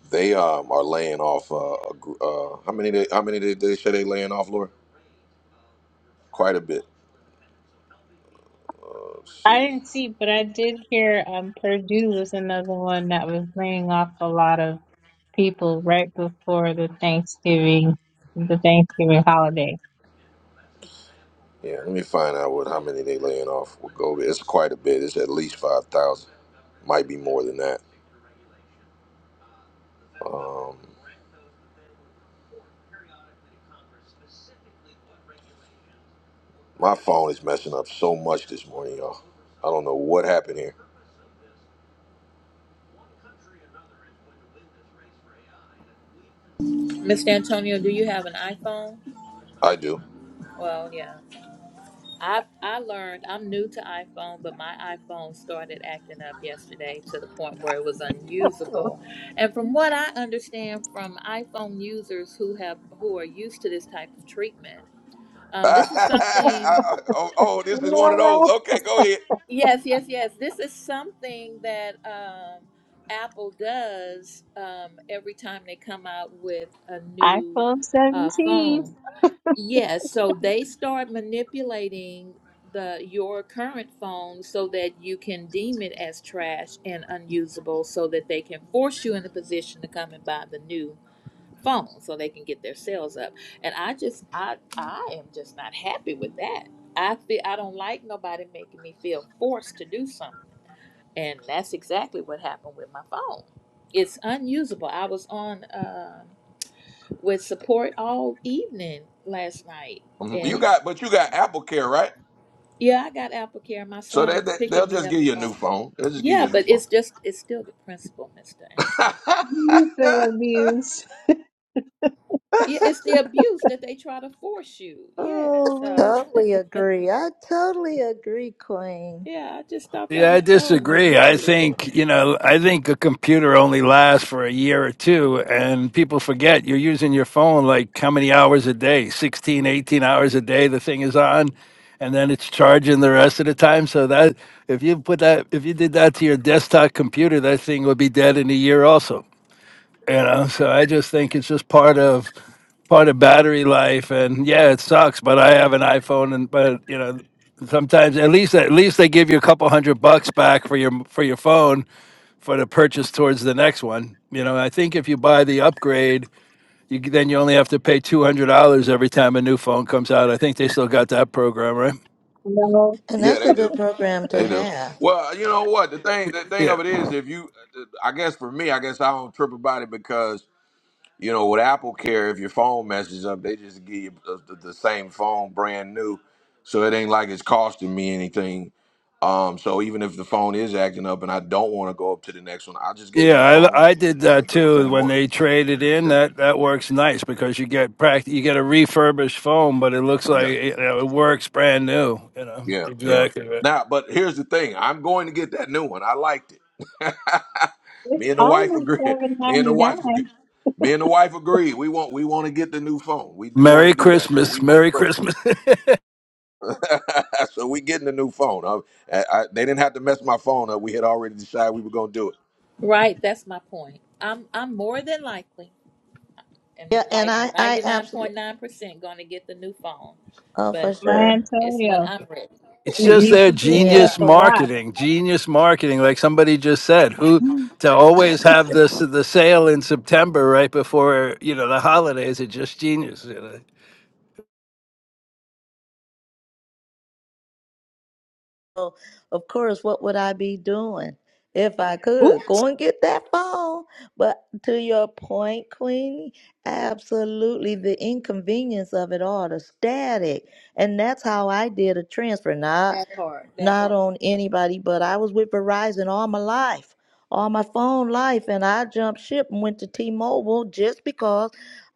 Speaker 1: they um, are laying off. Uh, a gr- uh, how many? They, how many did they say they laying off, Laura? Quite a bit. Uh, let's
Speaker 10: I
Speaker 1: see.
Speaker 10: didn't see, but I did hear um Purdue was another one that was laying off a lot of people right before the Thanksgiving the Thanksgiving holiday.
Speaker 1: Yeah, let me find out what how many they laying off. We'll go. over- It's quite a bit. It's at least five thousand. Might be more than that. Um, my phone is messing up so much this morning, y'all. I don't know what happened here.
Speaker 12: Mr. Antonio, do you have an iPhone?
Speaker 1: I do.
Speaker 12: Well, yeah. I I learned I'm new to iPhone, but my iPhone started acting up yesterday to the point where it was unusable. And from what I understand from iPhone users who have who are used to this type of treatment, um, this is something.
Speaker 1: oh, oh, this is one of those.
Speaker 10: Well,
Speaker 1: Okay, go ahead.
Speaker 12: Yes, yes, yes. This is something that um, Apple does um, every time they come out with a
Speaker 10: I
Speaker 12: new
Speaker 10: iPhone
Speaker 12: uh,
Speaker 10: 17.
Speaker 12: phone. Yes, so they start manipulating the your current phone so that you can deem it as trash and unusable so that they can force you in a position to come and buy the new phone so they can get their sales up. And I just I I am just not happy with that. I feel I don't like nobody making me feel forced to do something. And that's exactly what happened with my phone. It's unusable. I was on uh, with support all evening last night
Speaker 1: Mhm. You
Speaker 12: and
Speaker 1: got, but you got Apple Care, right?
Speaker 12: Yeah, I got AppleCare. My
Speaker 1: So
Speaker 12: son
Speaker 1: they,
Speaker 12: is
Speaker 1: they they'll
Speaker 12: picking me
Speaker 1: just
Speaker 12: up
Speaker 1: give you a
Speaker 12: a
Speaker 1: new
Speaker 12: phone.
Speaker 1: phone. They'll just give
Speaker 12: Yeah,
Speaker 1: you a new
Speaker 12: but
Speaker 1: phone.
Speaker 12: it's just it's still the principle, Mr. Anton.
Speaker 10: You feel abused.
Speaker 12: Yeah, it's the abuse that they try to force you. Yeah.
Speaker 1: oh man.
Speaker 12: So
Speaker 2: Totally agree. I totally agree, Queen.
Speaker 12: yeah, I just thought that
Speaker 13: Yeah, I
Speaker 12: was so
Speaker 13: disagree. I
Speaker 12: manipulative.
Speaker 13: think, you know, I think a computer only lasts for a year or two and people forget you're using your phone like how many hours a day? 16, 18 hours a day the thing is on and then it's charging the rest of the time. So that if you put that if you did that to your desktop computer, that thing would be dead in a year also you know so i just think it's just part of part of battery life and yeah it sucks but i have an iphone and but you know sometimes at least at least they give you a couple hundred bucks back for your for your phone for the purchase towards the next one you know i think if you buy the upgrade you g- then you only have to pay $200 every time a new phone comes out i think they still got that program right
Speaker 10: No,
Speaker 2: And
Speaker 1: Yeah,
Speaker 2: that's a
Speaker 1: they
Speaker 2: good
Speaker 1: do.
Speaker 2: program to
Speaker 1: They do.
Speaker 2: have.
Speaker 1: Well, you know what? The thing, the thing of it is, if you, I guess for me, I guess I don't trip about it because you know with Apple Care, if your phone messes up, they just give you the, the the same phone brand new, so it ain't like it's costing me anything. Um, so even if the phone is acting up and I don't want to go up to the next one, I'll just get a new
Speaker 13: Yeah, I,
Speaker 1: phone,
Speaker 13: I did that
Speaker 1: the
Speaker 13: too
Speaker 1: same
Speaker 13: when
Speaker 1: one.
Speaker 13: they traded in.
Speaker 1: Yeah.
Speaker 13: That that works nice because you get pract you get a refurbished phone, but it looks like it, you know, it works brand new. You know
Speaker 1: Yeah, yeah.
Speaker 13: exactly. Right.
Speaker 1: Now, but here's the thing. I'm going to get that new one. I liked it.
Speaker 10: it's
Speaker 1: me and the wife
Speaker 10: only
Speaker 1: agree.
Speaker 10: seven
Speaker 1: Me and the
Speaker 10: ninety
Speaker 1: wife agree.
Speaker 10: nine.
Speaker 1: Me and the wife agree. We want we want to get the new phone. We do want to
Speaker 13: Merry
Speaker 1: do that. So
Speaker 13: Christmas,
Speaker 1: we were
Speaker 13: Merry
Speaker 1: impressed.
Speaker 13: Christmas.
Speaker 1: With so we getting the new phone. I, I, I, they didn't have to mess my phone up. We had already decided we were going to do it.
Speaker 12: Right, that's my point. I'm I'm more than likely and
Speaker 2: Yeah, and
Speaker 12: like
Speaker 2: I, I
Speaker 12: ninety nine point
Speaker 2: absolutely,
Speaker 12: nine percent gonna get the new phone.
Speaker 2: oh, for
Speaker 12: But
Speaker 10: My
Speaker 2: sure.
Speaker 12: it's when
Speaker 10: Antonio,
Speaker 12: I'm ready.
Speaker 13: it's
Speaker 10: you
Speaker 13: just
Speaker 10: you
Speaker 13: their
Speaker 10: could just
Speaker 12: Yeah.
Speaker 10: get
Speaker 2: Yeah.
Speaker 13: genius
Speaker 10: the watch.
Speaker 13: marketing, genius marketing. Like somebody just said, who to always have this the sale in September right before you know the holidays. It's just genius. You know?
Speaker 2: So, of course, what would I be doing if I could
Speaker 3: Ooh-cha.
Speaker 2: go and get that phone? But to your point, Queenie, absolutely the inconvenience of it all, the static. And that's how I did a transfer. Now,
Speaker 12: That part. That part.
Speaker 2: not on anybody, but I was with Verizon all my life, all my phone life, and I jumped ship and went to T-Mobile just because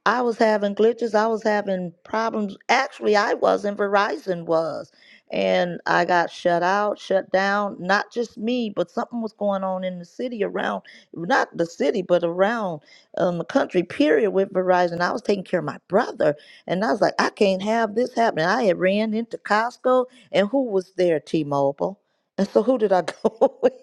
Speaker 2: I was having glitches. I was having problems. Actually, I wasn't. Verizon was. And I got shut out, shut down. Not just me, but something was going on in the city around, not the city, but around um, the country, period, with Verizon. I was taking care of my brother. And I was like, I can't have this happening. I had ran into Costco. And who was there? T Mobile. And so who did I go with?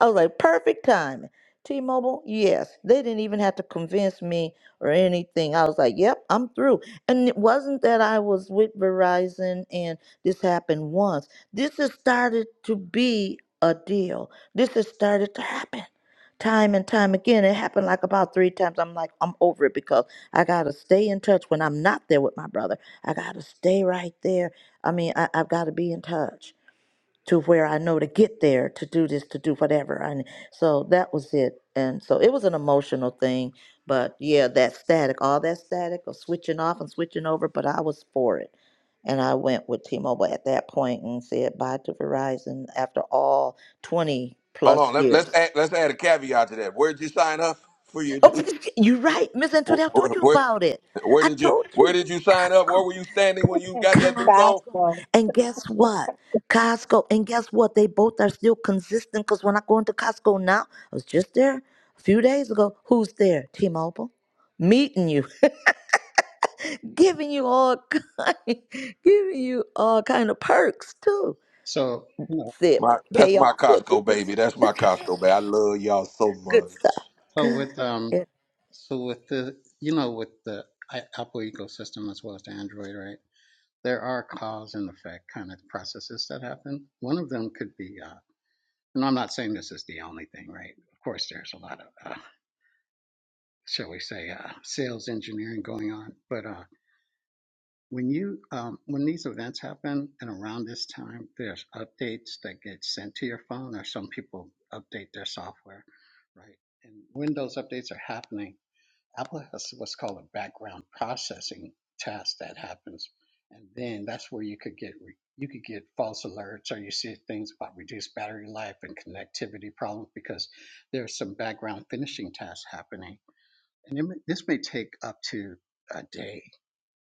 Speaker 2: I was like, perfect timing. T Mobile, yes. They didn't even have to convince me or anything. I was like, yep, I'm through. And it wasn't that I was with Verizon and this happened once. This has started to be a deal. This has started to happen time and time again. It happened like about three times. I'm like, I'm over it because I gotta stay in touch when I'm not there with my brother. I gotta stay right there I mean, I, I've got to be in touch to where I know to get there to do this, to do whatever. And so that was it. And so it was an emotional thing. But yeah, that static, all that static of switching off and switching over, but I was for it. And I went with T Mobile at that point and said bye to Verizon after all 20
Speaker 1: Hold
Speaker 2: plus
Speaker 1: on.
Speaker 2: Okay.
Speaker 1: Let, let's
Speaker 2: years.
Speaker 1: add, let's add a caveat to that. Where would you sign up for your
Speaker 2: Oh,
Speaker 1: new?
Speaker 2: you're right. Miss Antoinette, I told
Speaker 1: Where,
Speaker 2: you
Speaker 1: where
Speaker 2: about it.
Speaker 1: where
Speaker 2: I
Speaker 1: did you
Speaker 2: told
Speaker 1: where
Speaker 2: you.
Speaker 1: did you sign up? Where were you standing when you
Speaker 10: Fast,
Speaker 1: got that new phone?
Speaker 2: Costco.
Speaker 10: Gospel.
Speaker 2: And guess what? Costco. And guess what? They both are still consistent because when I go into Costco now, I was just there a few days ago. Who's there? T Mobile. Meeting you, giving you all kind, giving you all kind of perks too.
Speaker 5: so,
Speaker 2: Sip,
Speaker 1: My that's
Speaker 2: pay
Speaker 1: my
Speaker 2: off, we'll do
Speaker 1: Costco
Speaker 2: this.
Speaker 1: baby. That's my Costco baby. I love y'all so
Speaker 2: Good stuff.
Speaker 1: much.
Speaker 5: So
Speaker 2: Good.
Speaker 5: with um,
Speaker 2: Yeah.
Speaker 5: so with the you know with the I- Apple ecosystem as well as the Android, right? There are cause and effect kind of processes that happen. One of them could be, uh, and I'm not saying this is the only thing, right? Of course, there's a lot of, uh, shall we say, uh, sales engineering going on. But uh, when you um, when these events happen, and around this time, there's updates that get sent to your phone, or some people update their software, right? And when those updates are happening Apple has what's called a background processing task that happens, and then that's where you could get re- you could get false alerts or you see things about reduced battery life and connectivity problems because there's some background finishing tasks happening, and it may, this may take up to a day.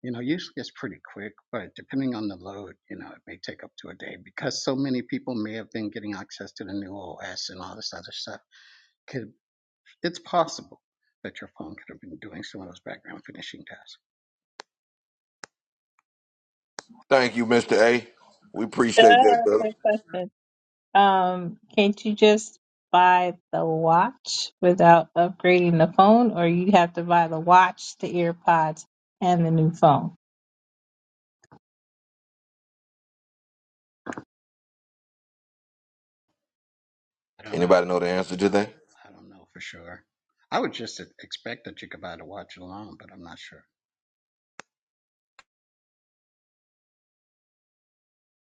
Speaker 5: You know, usually it's pretty quick, but depending on the load, you know, it may take up to a day because so many people may have been getting access to the new OS and all this other stuff Could it's possible that your phone could have been doing some of those background finishing tasks.
Speaker 1: Thank you, Mr. A. We
Speaker 10: Duh,
Speaker 1: appreciate that, brother.
Speaker 10: quick question. Um, can't you just buy the watch without upgrading the phone, or you have to buy the watch, the AirPods, and the new phone?
Speaker 5: I don't know. If
Speaker 1: Anybody
Speaker 5: you,
Speaker 1: know the answer to that?
Speaker 5: I don't know for sure. I would just expect that you could buy the watch alone, but I'm not sure.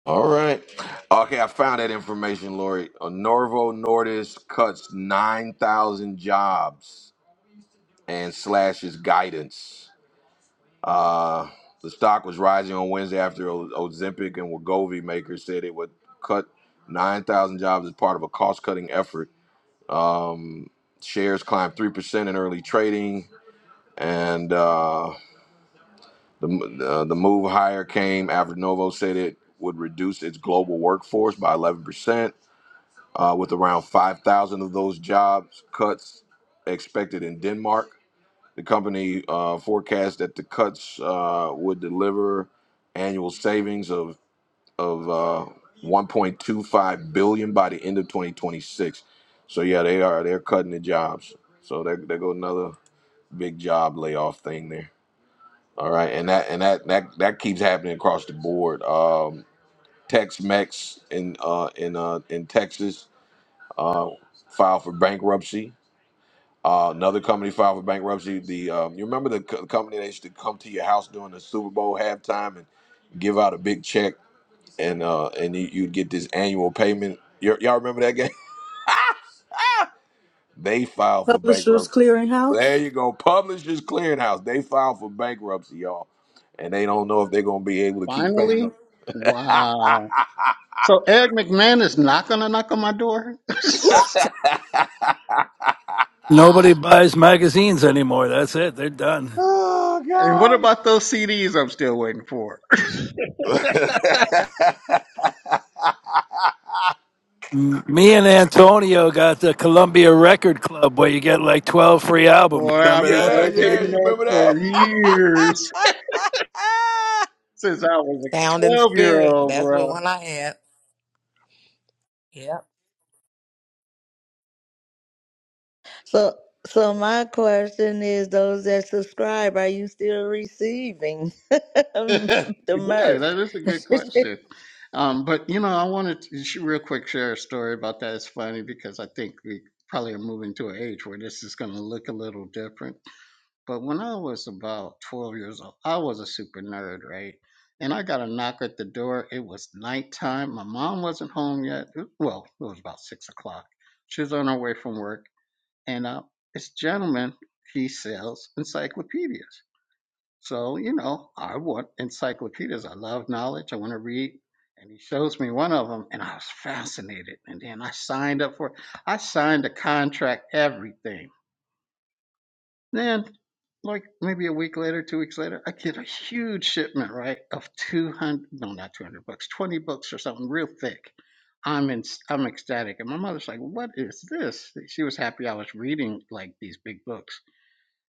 Speaker 1: All right. Okay, I found that information, Lori. Uh, Norvo Nordis cuts 9,000 jobs and slashes guidance. Uh, the stock was rising on Wednesday after O- Ozempic and Wegovy makers said it would cut 9,000 jobs as part of a cost-cutting effort Um, shares climbed three percent in early trading, and uh, the uh, the move higher came after Novo said it would reduce its global workforce by eleven percent, uh, with around five thousand of those jobs cuts expected in Denmark. The company uh, forecast that the cuts uh, would deliver annual savings of of uh, 1.25 billion by the end of 2026. So yeah, they are they're cutting the jobs. So there, there go another big job layoff thing there. All right, and that and that that that keeps happening across the board. Um, Tex-Mex in uh, in uh, in Texas uh, filed for bankruptcy. Uh, another company filed for bankruptcy. The um, you remember the co- company that used to come to your house during the Super Bowl halftime and give out a big check and uh and you, you'd get this annual payment. you y'all remember that game? They filed for
Speaker 3: Publishers
Speaker 1: bankruptcy. There
Speaker 3: Clearinghouse.
Speaker 1: you go. Publishers Clearinghouse. They filed for bankruptcy, y'all, and they don't know if they're gonna be able to keep paying them.
Speaker 5: Finally, wow. So Eric McMahon is not going to knock on my door.
Speaker 3: Ooh-cha.
Speaker 13: Nobody buys magazines anymore. That's it. They're done.
Speaker 1: oh
Speaker 5: and what
Speaker 1: gosh.
Speaker 5: about those CDs I'm still waiting for?
Speaker 13: M- Me and Antonio got the Columbia Record Club where you get like 12 free albums.
Speaker 5: Boy, I've
Speaker 13: Remember
Speaker 5: been
Speaker 13: that?
Speaker 1: yeah,
Speaker 13: Right.
Speaker 1: yeah.
Speaker 5: rotating
Speaker 1: You
Speaker 5: that
Speaker 1: remember that?
Speaker 5: for years since I was a
Speaker 4: Sound and
Speaker 5: 12 year
Speaker 4: spirit.
Speaker 5: old,
Speaker 4: That's
Speaker 5: bro.
Speaker 4: what one I had. Yep.
Speaker 2: So so my question is those that subscribe, are you still receiving
Speaker 5: yeah,
Speaker 2: the
Speaker 5: that is a good
Speaker 2: merch?
Speaker 5: question. Um, but you know, I wanted to sh- real quick share a story about that. It's funny because I think we probably are moving to an age where this is going to look a little different. But when I was about 12 years old, I was a super nerd, right? And I got a knock at the door. It was nighttime. My mom wasn't home yet. It- Well, it was about six o'clock. She was on her way from work. And uh, this gentleman, he sells encyclopedias. So, you know, I want encyclopedias. I love knowledge. I want to read. And he shows me one of them, and I was fascinated. And then I signed up for it. I signed a contract, everything. Then, like maybe a week later, two weeks later, I get a huge shipment, right, of 200, no, not 200 books, 20 books or something real thick. I'm in, I'm ecstatic. And my mother's like, what is this? She was happy I was reading like these big books.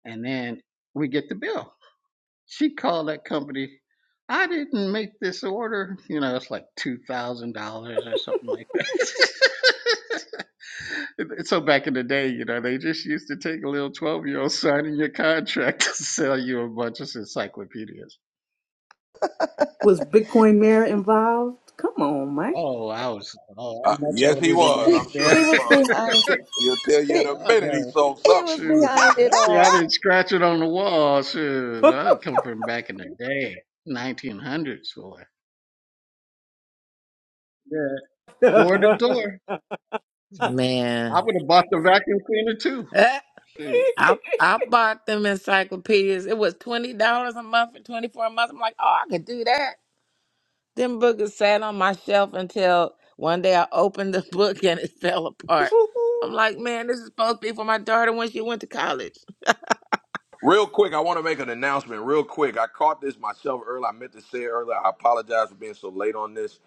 Speaker 5: And then we get the bill. She called that company. I didn't make this order. You know, it's like two thousand dollars or something like that. so back in the day, you know, they just used to take a little twelve year old signing your contract to sell you a bunch of encyclopedias.
Speaker 3: Was Bitcoin Mirror involved? Come on, Mike.
Speaker 5: Oh, I was oh,
Speaker 1: Uh,
Speaker 5: I'm much
Speaker 1: yes, he
Speaker 5: older than
Speaker 1: was.
Speaker 5: that.
Speaker 1: I'm sure
Speaker 5: Yeah,
Speaker 2: he
Speaker 1: he
Speaker 2: was
Speaker 1: was.
Speaker 2: behind it.
Speaker 1: He'll tell you in
Speaker 2: He,
Speaker 1: a
Speaker 5: yeah, I
Speaker 1: minute he
Speaker 5: know.
Speaker 1: sold
Speaker 2: he
Speaker 1: something.
Speaker 2: was
Speaker 5: Shoot,
Speaker 2: behind it
Speaker 5: lucky I
Speaker 2: all.
Speaker 5: didn't scratch it on the wall. Shoot, I come from back in the day, 1900s, boy. Yeah, door to door. I
Speaker 4: Man,
Speaker 5: would have bought the vacuum cleaner too.
Speaker 4: Eh,
Speaker 5: Shoot.
Speaker 4: I I bought them encyclopedias. It was twenty dollars a month for twenty four months. I'm like, oh, I could do that. Them books sat on my shelf until one day I opened the book and it fell apart. I'm like, man, this is supposed to be for my daughter when she went to college.
Speaker 1: Real quick, I want to make an announcement. Real quick, I caught this myself earlier. I meant to say it earlier. I apologize for being so late on this.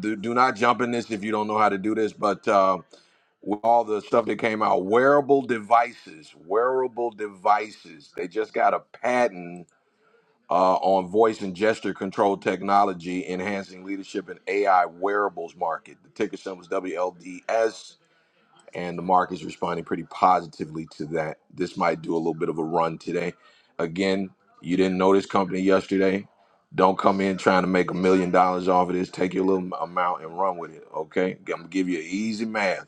Speaker 1: Do, do not jump in this if you don't know how to do this. But uh, with all the stuff that came out, wearable devices, wearable devices, they just got a patent uh, on voice and gesture control technology, enhancing leadership in AI wearables market. The ticker symbol is WLDS. and the market is responding pretty positively to that. This might do a little bit of a run today. Again, you didn't know this company yesterday. Don't come in trying to make a million dollars off of this. Take your little m- amount and run with it. Okay, I'm gonna give you easy math.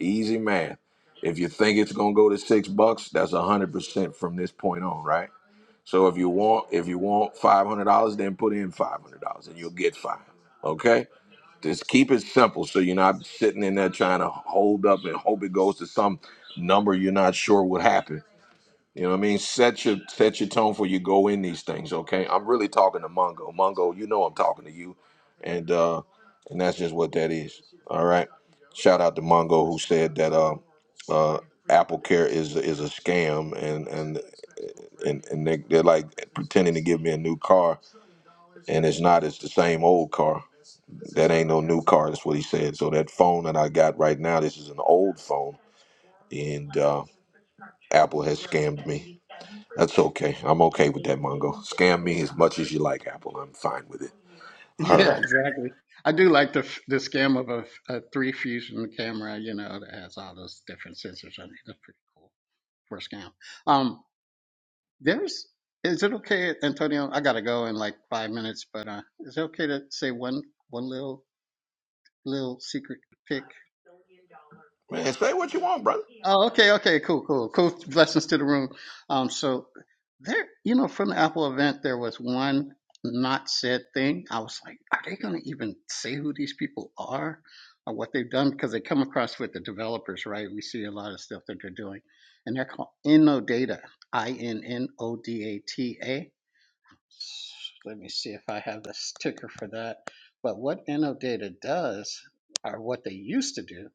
Speaker 1: Easy math. If you think it's gonna go to six bucks, that's a hundred percent from this point on, right? So if you want, if you want five hundred dollars, then put in five hundred dollars, and you'll get five. Okay just keep it simple so you're not sitting in there trying to hold up and hope it goes to some number you're not sure what happened. You know what I mean? Set your set your tone for you go in these things, okay? I'm really talking to Mongo, Mongo. you know I'm talking to you. And uh and that's just what that is. All right. Shout out to Mongo who said that uh uh Apple Care is is a scam and and and, and they, they're like pretending to give me a new car and it's not, it's the same old car. That ain't no new car. That's what he said. So that phone that I got right now, this is an old phone, and uh, Apple has scammed me. That's okay. I'm okay with that, Mongo. Scam me as much as you like, Apple. I'm fine with it. All
Speaker 5: Yeah,
Speaker 1: right,
Speaker 5: exactly. I do like the the scam of a, a three fusion camera, you know, that has all those different sensors on it. That's pretty cool for a scam. Um, there's is it okay, Antonio? I gotta go in like five minutes, but uh, is it okay to say one one little little secret pick?
Speaker 1: man. Say what you want, brother.
Speaker 5: Oh, okay, okay, cool, cool, cool. Blessings to the room. Um, so there, you know, from the Apple event, there was one not said thing. I was like, are they going to even say who these people are or what they've done? Because they come across with the developers, right? We see a lot of stuff that they're doing, and they're called Innodata, I N N O D A T A. Let me see if I have the sticker for that. But what Innodata does, or what they used to do,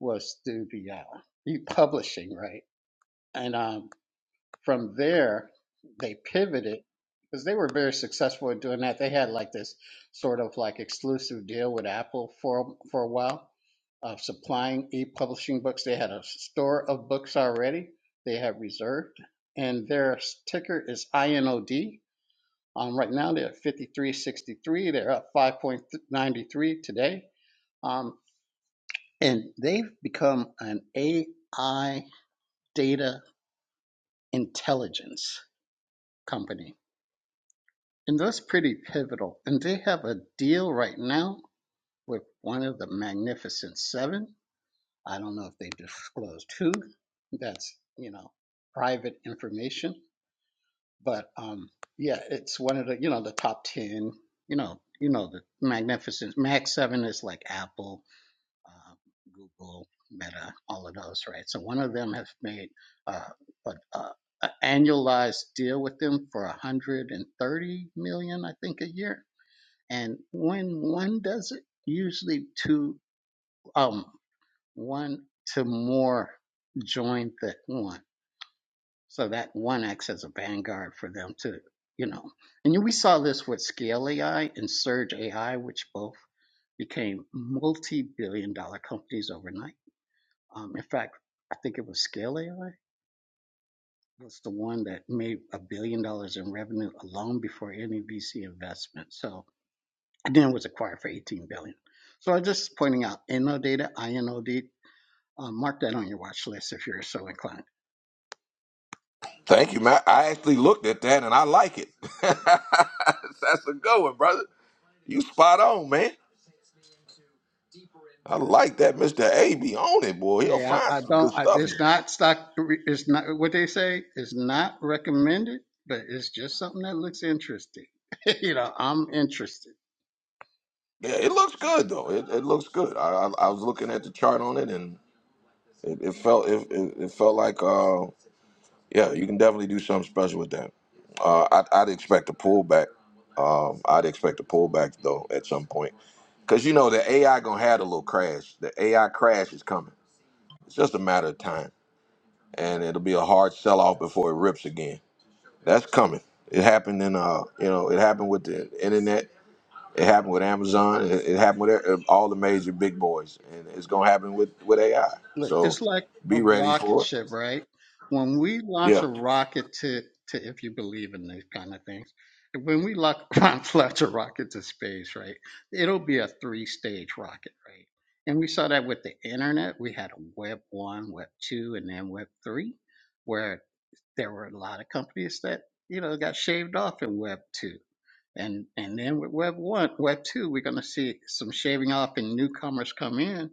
Speaker 5: was through the uh, republishing, right? And um, from there, they pivoted because they were very successful at doing that. They had like this sort of like exclusive deal with Apple for for a while of supplying e-publishing books. They had a store of books already. They had reserved, and their ticker is INOD. Um, right now they're at 53.63. They're up 5.93 today. Um, and they've become an AI data intelligence company. And that's pretty pivotal. And they have a deal right now with one of the Magnificent Seven. I don't know if they disclosed who. That's, you know, private information. But um, yeah, it's one of the, you know, the top 10, you know, you know, the Magnificent Mag 7 is like Apple, uh, Google, Meta, all of those, right? So one of them has made uh, an uh, a annualized deal with them for 130 million, dollars, I think, a year. And when one does it, usually two, um, one to more join the one. So that one acts as a vanguard for them to, you know. And we saw this with Scale AI and Surge AI, which both became multi-billion dollar companies overnight um, in fact, I think it was Scale AI was the one that made a billion dollars in revenue alone before any VC investment. So and then it was acquired for 18 billion. dollars. So I'm just pointing out InnoData, InoD. INO Um, mark that on your watch list if you're so inclined.
Speaker 1: Thank you, man. I actually looked at that and I like it. That's a good one, brother. You spot on, man. I like that, Mister A. Be on it, boy. He'll
Speaker 5: Hey, I,
Speaker 1: find
Speaker 5: I
Speaker 1: some good
Speaker 5: don't. I,
Speaker 1: stuff
Speaker 5: it's
Speaker 1: here.
Speaker 5: not stock. It's not what they say. It's not recommended, but it's just something that looks interesting. you know, I'm interested.
Speaker 1: Yeah, it looks good though. It, it looks good. I, I I was looking at the chart on it, and It, it felt it, it, it felt like uh, yeah, you can definitely do something special with that. Uh, I'd, I'd expect a pullback. Um, I'd expect a pullback though at some point because you know the AI gonna have a little crash. The AI crash is coming. It's just a matter of time, and it'll be a hard sell off before it rips again. That's coming. It happened in uh, you know, it happened with the internet. It happened with Amazon. It, it happened with e, uh, all the major big boys, and it's gonna happen with with AI.
Speaker 5: Look,
Speaker 1: So
Speaker 5: it's like a
Speaker 1: be ready
Speaker 5: rocket
Speaker 1: for it.
Speaker 5: ship, right? When we launch
Speaker 1: Yeah,
Speaker 5: a rocket to, to if you believe in these kind of things, when we lock, launch a rocket to space, right, it'll be a three stage rocket, right? And we saw that with the internet. We had a Web 1, Web 2, and then Web 3, where there were a lot of companies that, you know, got shaved off in Web 2 and and then with Web one, Web two, we're going to see some shaving off and newcomers come in,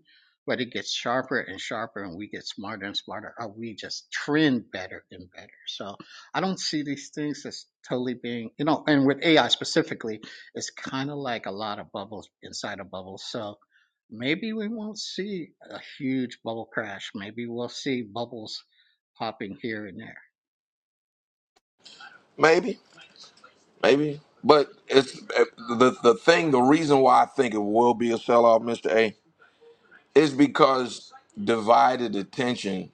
Speaker 5: but it gets sharper and sharper, and we get smarter and smarter, or we just trend better and better. So I don't see these things as totally being, you know, and with AI specifically, it's kind of like a lot of bubbles inside a bubble. So maybe we won't see a huge bubble crash. Maybe we'll see bubbles popping here and there.
Speaker 1: maybe. Maybe, but it's uh, the the thing. The reason why I think it will be a sell off, Mister A, is because divided attention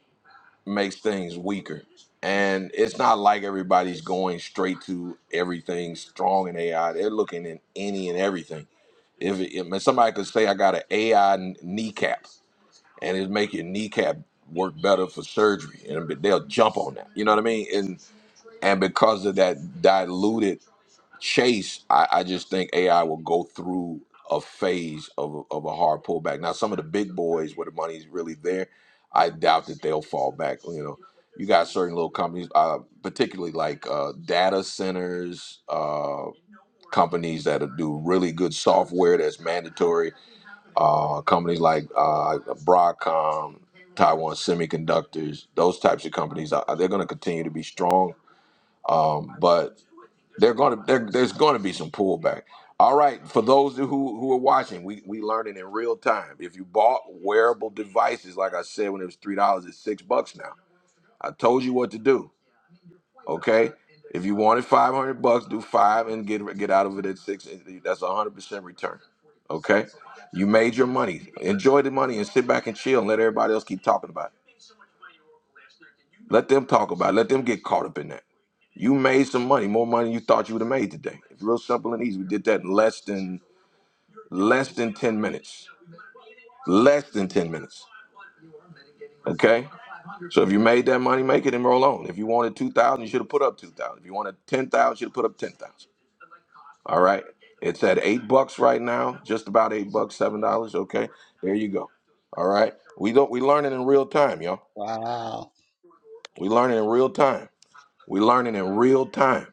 Speaker 1: makes things weaker, and it's not like everybody's going straight to everything strong in AI. They're looking in any and everything. If, it, if somebody could say, "I got an AI kn- kneecap," and it's make your kneecap work better for surgery, and they'll jump on that. You know what I mean? And and because of that diluted Chase, I, I just think AI will go through a phase of, of a hard pullback. Now, some of the big boys where the money's really there, I doubt that they'll fall back. You know, you got certain little companies, uh, particularly like uh, data centers, uh, companies that do really good software that's mandatory. Uh, companies like uh, Broadcom, Taiwan Semiconductors, those types of companies, uh, they're going to continue to be strong. Um, but they're going to there, there's going to be some pullback. All right, for those who who are watching, we we learning in real time. If you bought wearable devices, like I said, when it was three dollars, it's six bucks now. I told you what to do. Okay, if you wanted five hundred bucks, do five and get get out of it at six. That's a hundred percent return. Okay, you made your money. Enjoy the money and sit back and chill and let everybody else keep talking about it. Let them talk about it. Let them get caught up in that. You made some money, more money than you thought you would have made today. It's real simple and easy. We did that in less than less than 10 minutes. Less than 10 minutes. Okay? So if you made that money, make it and roll on. If you wanted 2,000, you should have put up 2,000. If you wanted 10,000, you should have put up 10,000. All right? It's at 8 bucks right now, just about 8 bucks, $7, okay? There you go. All right? We don't we learning in real time, y'all.
Speaker 5: Wow.
Speaker 1: We learning in real time. We learning in real time.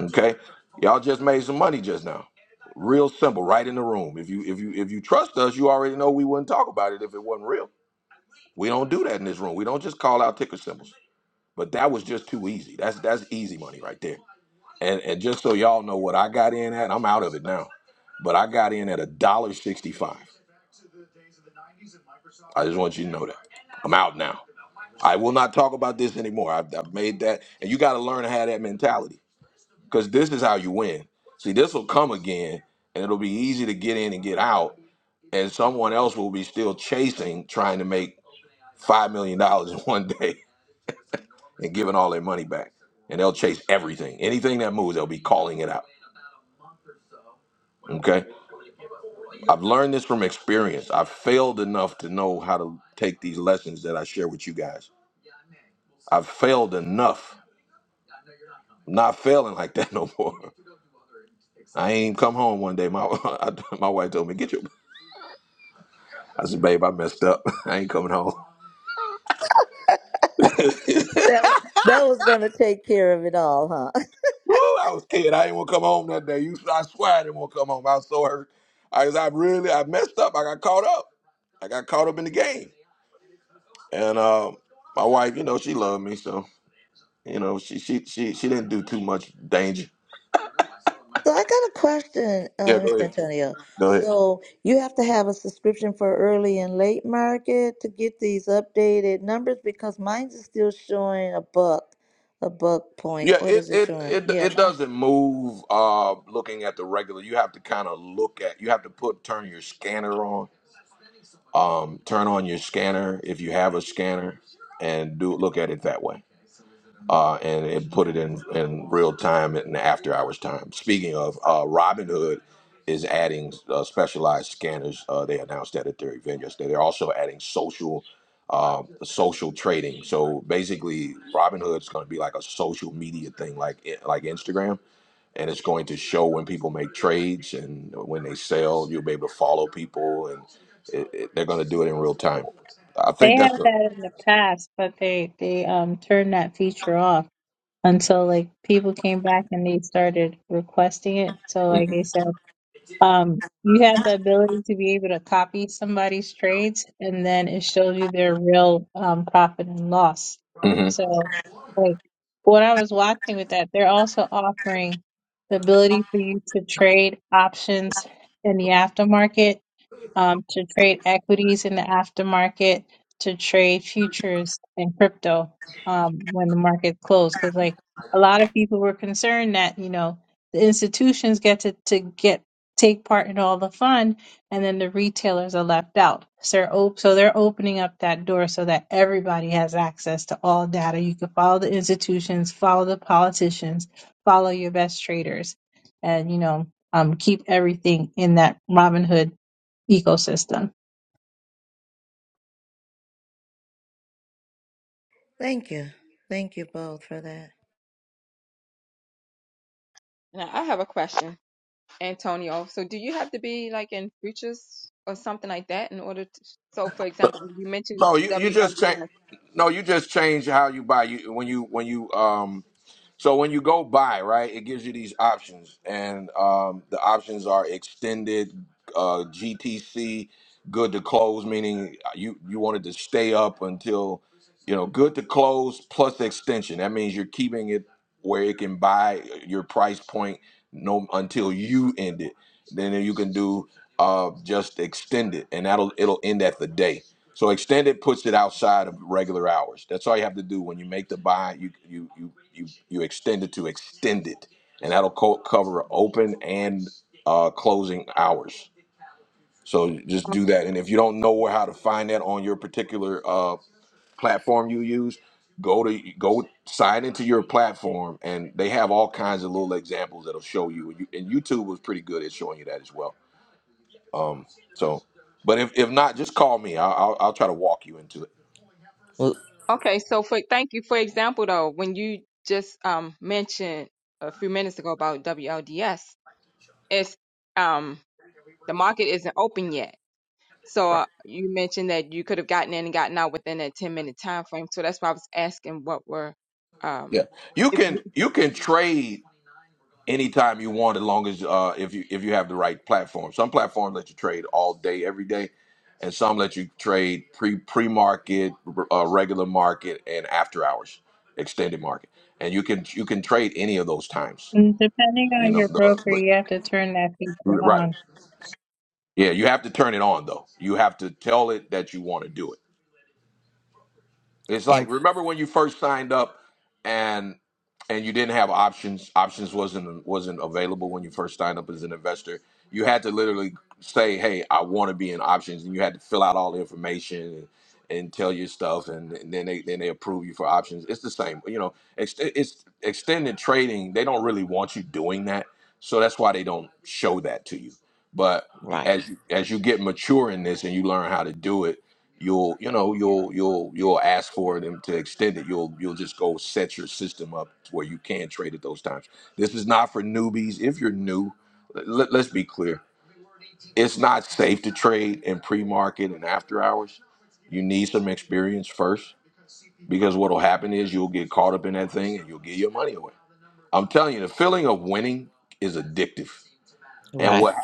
Speaker 1: Okay, y'all just made some money just now. Real simple, right in the room. If you if you if you trust us, you already know we wouldn't talk about it if it wasn't real. We don't do that in this room. We don't just call out ticker symbols. But that was just too easy. That's that's easy money right there. And and just so y'all know what I got in at, I'm out of it now. But I got in at a dollar sixty five. I just want you to know that. I'm out now. I will not talk about this anymore. I've, I've made that, and you got to learn to have that mentality. because this is how you win. See, this will come again, and it'll be easy to get in and get out, and someone else will be still chasing, trying to make five million dollars in one day and giving all their money back, and they'll chase everything, anything that moves, they'll be calling it out. Okay, I've learned this from experience. I've failed enough to know how to take these lessons that I share with you guys. I've failed enough. I'm not failing like that no more. I ain't come home one day. My my wife told me, "Get your I said, babe, I messed up. I ain't coming home.
Speaker 2: That that was going to take care of it all, huh?
Speaker 1: Woo, I was scared. I didn't want to come home that day. You, I swear I didn't want to come home. I was so hurt. I, 'cause I really, I messed up. I got caught up. I got caught up in the game. And um, my wife, you know, she loved me, so you know, she she she she didn't do too much danger.
Speaker 2: So I got a question, uh,
Speaker 1: Yeah,
Speaker 2: Mr.
Speaker 1: go ahead.
Speaker 2: Antonio.
Speaker 1: Go ahead.
Speaker 2: So you have to have a subscription for early and late market to get these updated numbers because mine's is still showing a buck, a buck point.
Speaker 1: Yeah,
Speaker 2: What
Speaker 1: it
Speaker 2: is it
Speaker 1: it
Speaker 2: showing?
Speaker 1: it
Speaker 2: Yeah,
Speaker 1: it
Speaker 2: mine.
Speaker 1: doesn't move. Uh, looking at the regular, you have to kind of look at. You have to put turn your scanner on Um, turn on your scanner if you have a scanner, and do look at it that way. Uh, and it put it in in real time in the after hours time. Speaking of, uh, Robinhood is adding uh, specialized scanners. Uh, they announced that at their event yesterday. They're also adding social uh, social trading. So basically, Robinhood is going to be like a social media thing, like eh, like Instagram and it's going to show when people make trades and when they sell. You'll be able to follow people, and it, it, they're going to do it in real time. I
Speaker 10: They
Speaker 1: think
Speaker 10: had
Speaker 1: that's the.
Speaker 10: that in the past, but they they um turned that feature off until like people came back and they started requesting it. So like
Speaker 1: Mhm.
Speaker 10: they said, um, you have the ability to be able to copy somebody's trades, and then it shows you their real um profit and loss.
Speaker 1: mhm.
Speaker 10: So like what I was watching with that, they're also offering the ability for you to trade options in the aftermarket um, to trade equities in the aftermarket, to trade futures and crypto um, when the market closed. Because like a lot of people were concerned that you know the institutions get to to get take part in all the fun, and then the retailers are left out. So they're, op- so they're opening up that door so that everybody has access to all data. You can follow the institutions, follow the politicians, follow your best traders, and you know um, keep everything in that Robinhood ecosystem
Speaker 2: Thank you, thank you both for that.
Speaker 8: Now I have a question, Antonio. So do you have to be like in futures or something like that in order to? So for example, when you mentioned
Speaker 1: No, you, you just change.
Speaker 8: WLDS,
Speaker 1: No, you just change how you buy. You when you when you um. So when you go buy, right, it gives you these options, and um, the options are extended, uh, GTC, good to close, meaning you you wanted to stay up until, you know, good to close plus extension. That means you're keeping it where it can buy your price point no until you end it. Then you can do uh, just extend it, and that'll it'll end at the day. So extended puts it outside of regular hours. That's all you have to do when you make the buy. You you you you you extend it to extended, and that'll co- cover open and uh, closing hours. So just do that. And if you don't know where how to find that on your particular uh, platform you use, go to go sign into your platform, and they have all kinds of little examples that'll show you. And you- and YouTube was pretty good at showing you that as well. Um, so, but if, if not, just call me. I'll, I'll I'll try to walk you into it.
Speaker 4: Well,
Speaker 8: Okay, so for thank you. For example, though, when you just um mentioned a few minutes ago about WLDS, it's um the market isn't open yet. So
Speaker 1: Right.
Speaker 8: uh, you mentioned that you could have gotten in and gotten out within that 10 minute time frame. So that's why I was asking what were um
Speaker 1: Yeah, you
Speaker 8: if
Speaker 1: can you can trade anytime you want as long as uh if you if you have the right platform. Some platforms let you trade all day every day, and some let you trade pre pre market, uh, regular market, and after hours, extended market. And you can you can trade any of those times.
Speaker 10: Mm, Depending
Speaker 1: You
Speaker 10: on
Speaker 1: know,
Speaker 10: your
Speaker 1: the,
Speaker 10: broker,
Speaker 1: but
Speaker 10: you have to turn that feature
Speaker 1: right.
Speaker 10: on.
Speaker 1: Yeah, you have to turn it on though. You have to tell it that you want to do it It's
Speaker 4: and
Speaker 1: like remember when you first signed up and and you didn't have options. Options wasn't wasn't available when you first signed up as an investor. You had to literally say, "Hey, I want to be in options," and you had to fill out all the information and, and tell your stuff, and, and then they then they approve you for options. It's the same, you know. Ex- it's extended trading. They don't really want you doing that, so that's why they don't show that to you. But
Speaker 4: right,
Speaker 1: as you, as you get mature in this and you learn how to do it you'll you know you'll you'll you'll ask for them to extend it you'll you'll just go set your system up to where you can trade at those times this is not for newbies if you're new let, let's be clear it's not safe to trade in pre-market and after hours you need some experience first because what'll happen is you'll get caught up in that thing and you'll give your money away i'm telling you the feeling of winning is addictive and
Speaker 4: right.
Speaker 1: what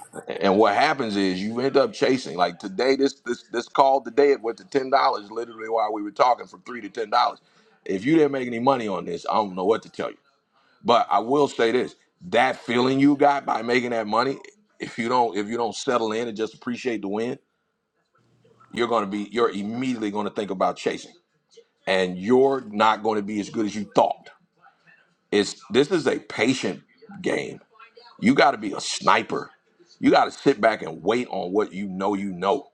Speaker 1: and what happens is you end up chasing. Like today, this this this call today it went to ten dollars. Literally, while we were talking, from three to ten dollars. If you didn't make any money on this, I don't know what to tell you. But I will say this: that feeling you got by making that money, if you don't if you don't settle in and just appreciate the win, you're gonna be you're immediately gonna think about chasing, and you're not going to be as good as you thought. It's this is a patient game you got to be a sniper. You got to sit back and wait on what you know you know.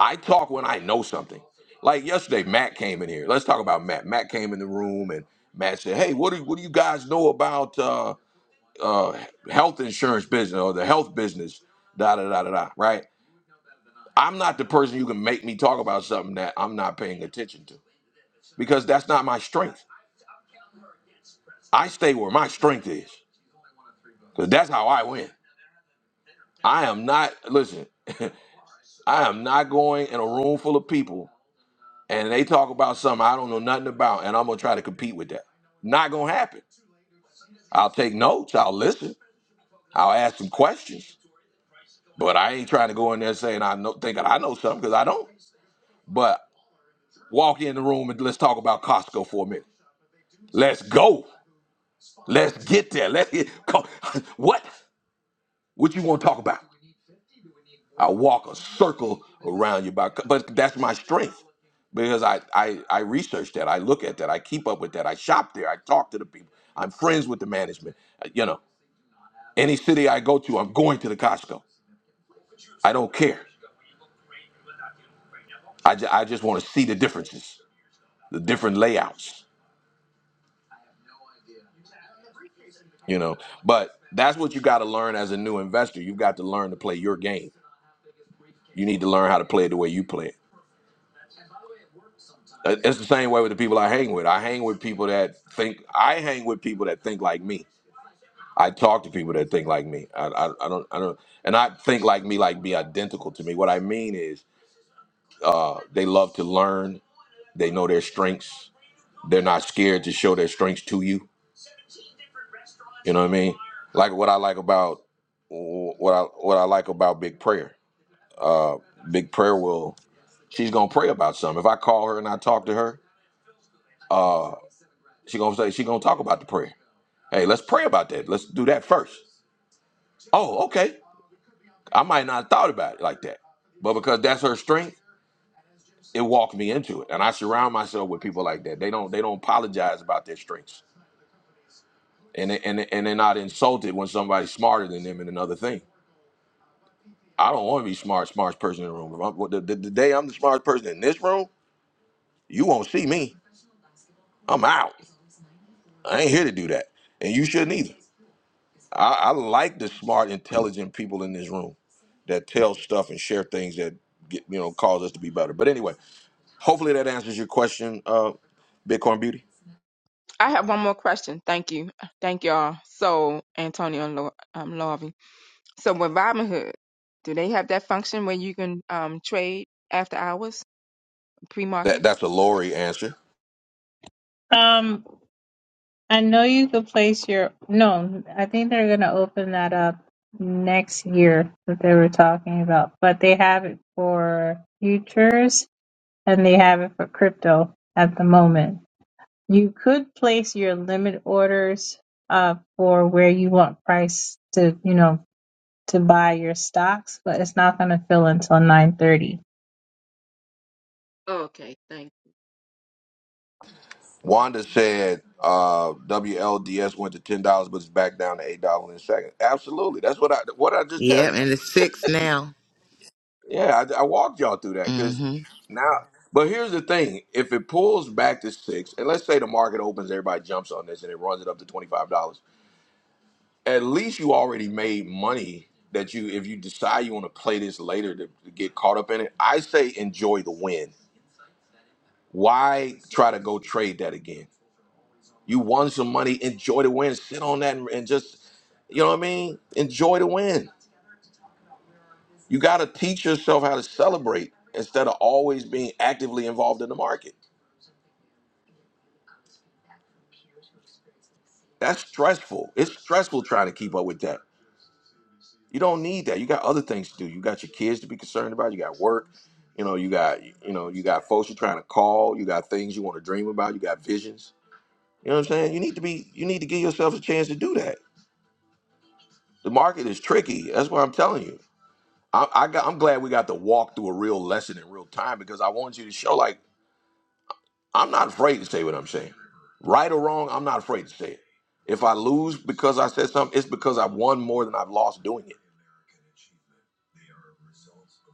Speaker 1: I talk when I know something. Like yesterday, Matt came in here. Let's talk about Matt. Matt came in the room and Matt said, "Hey, what do what do you guys know about uh, uh, health insurance business or the health business?" Da da da da da. Right? I'm not the person you can make me talk about something that I'm not paying attention to because that's not my strength. I stay where my strength is because that's how I win. I am not listen. I am not going in a room full of people and they talk about something I don't know nothing about and I'm gonna try to compete with that. Not gonna happen. I'll take notes, I'll listen, I'll ask some questions, but I ain't trying to go in there saying I know thinking I know something because I don't. But walk in the room and let's talk about Costco for a minute. Let's go. Let's get there. Let's get co- what? What you want to talk about? I'll walk a circle around you by, but that's my strength because I, I, I research that. I look at that. I keep up with that. I shop there. I talk to the people. I'm friends with the management. Uh, You know, any city I go to, I'm going to the Costco. I don't care. I, ju- I just want to see the differences, the different layouts, you know. But that's what you got to learn as a new investor. You've got to learn to play your game. You need to learn how to play it the way you play it. Uh, It's the same way with the people I hang with. I hang with people that think, I hang with people that think like me I talk to people that think like me. I, I, I don't I don't and I think like me like be identical to me. What I mean is uh they love to learn. They know their strengths. They're not scared to show their strengths to you. You know what I mean? Like what I like about what I what I like about Big Prayer. Uh Big Prayer will she's going to pray about something. If I call her and I talk to her, uh she going to say she going to talk about the prayer. Hey, let's pray about that. Let's do that first. Oh, okay. I might not have thought about it like that. But because that's her strength, it walked me into it and i surround myself with people like that they don't they don't apologize about their strengths and they- and they- and they're not insulted when somebody's smarter than them in another thing i don't want to be smart smartest person in the room If I'm- the, the, the day i'm the smartest person in this room you won't see me i'm out i ain't here to do that and you shouldn't either i, I like the smart intelligent people in this room that tell stuff and share things that get you know cause us to be better but anyway hopefully that answers your question uh bitcoin beauty
Speaker 8: I have one more question. Thank you. Thank y'all. So Antonio and Lo, um Lovie. So with Robinhood, do they have that function where you can um trade after hours, pre-market?
Speaker 1: that that's a lori answer
Speaker 10: Um, I know you could place your, no, I think they're going to open that up next year that they were talking about, but they have it for futures and they have it for crypto at the moment. You could place your limit orders uh, for where you want price to, you know, to buy your stocks, but it's not going to fill until 9:30.
Speaker 8: Okay, thank
Speaker 1: Wanda said uh, WLDS went to ten dollars, but it's back down to eight dollars in a second. Absolutely, that's what I what I just
Speaker 4: yeah.
Speaker 1: tell y'all.
Speaker 4: and it's six now.
Speaker 1: Yeah, I, I walked y'all through that because
Speaker 4: hmm
Speaker 1: now. But here's the thing: if it pulls back to six, and let's say the market opens, everybody jumps on this, and it runs it up to twenty five dollars. At least you already made money that you, if you decide you want to play this later to, to get caught up in it. I say enjoy the win. Why try to go trade that again? You won some money. Enjoy the win. Sit on that and, and just, you know what I mean? Enjoy the win. You got to teach yourself how to celebrate instead of always being actively involved in the market. That's stressful. It's stressful trying to keep up with that. You don't need that. You got other things to do. You got your kids to be concerned about. You got work. You know, you got you know, you got folks you're trying to call. You got things you want to dream about. You got visions. You know what I'm saying? You need to be. You need to give yourself a chance to do that. The market is tricky. That's what I'm telling you I, I got, I'm glad we got to walk through a real lesson in real time because I want you to show like I'm not afraid to say what I'm saying, right or wrong. I'm not afraid to say it. If I lose because I said something, it's because I've won more than I've lost doing it.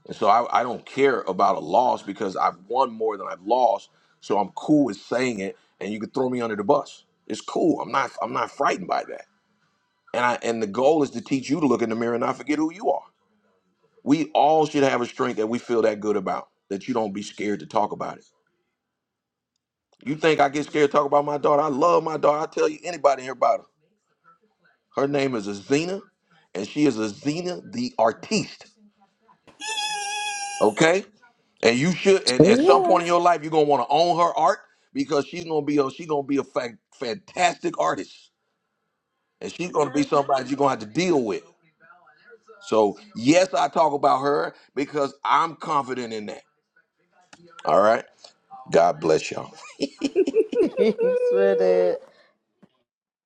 Speaker 1: And so I, I don't care about a loss because I've won more than I've lost. So I'm cool with saying it, and you can throw me under the bus. It's cool. I'm not I'm not frightened by that. And I and the goal is to teach you to look in the mirror and not forget who you are. We all should have a strength that we feel that good about that you don't be scared to talk about it You think I get scared to talk about my daughter? I love my daughter. I tell you anybody here about her. Her name is Azina, and she is Azina the artiste. Okay? And you should and at some point in
Speaker 2: Yes,
Speaker 1: your life you're gonna want to own her art because she's gonna be a she's gonna be a fa- fantastic artist. And she's gonna be somebody you're gonna have to deal with. So yes, I talk about her because I'm confident in that. All right. God bless y'all.
Speaker 2: Thanks for that.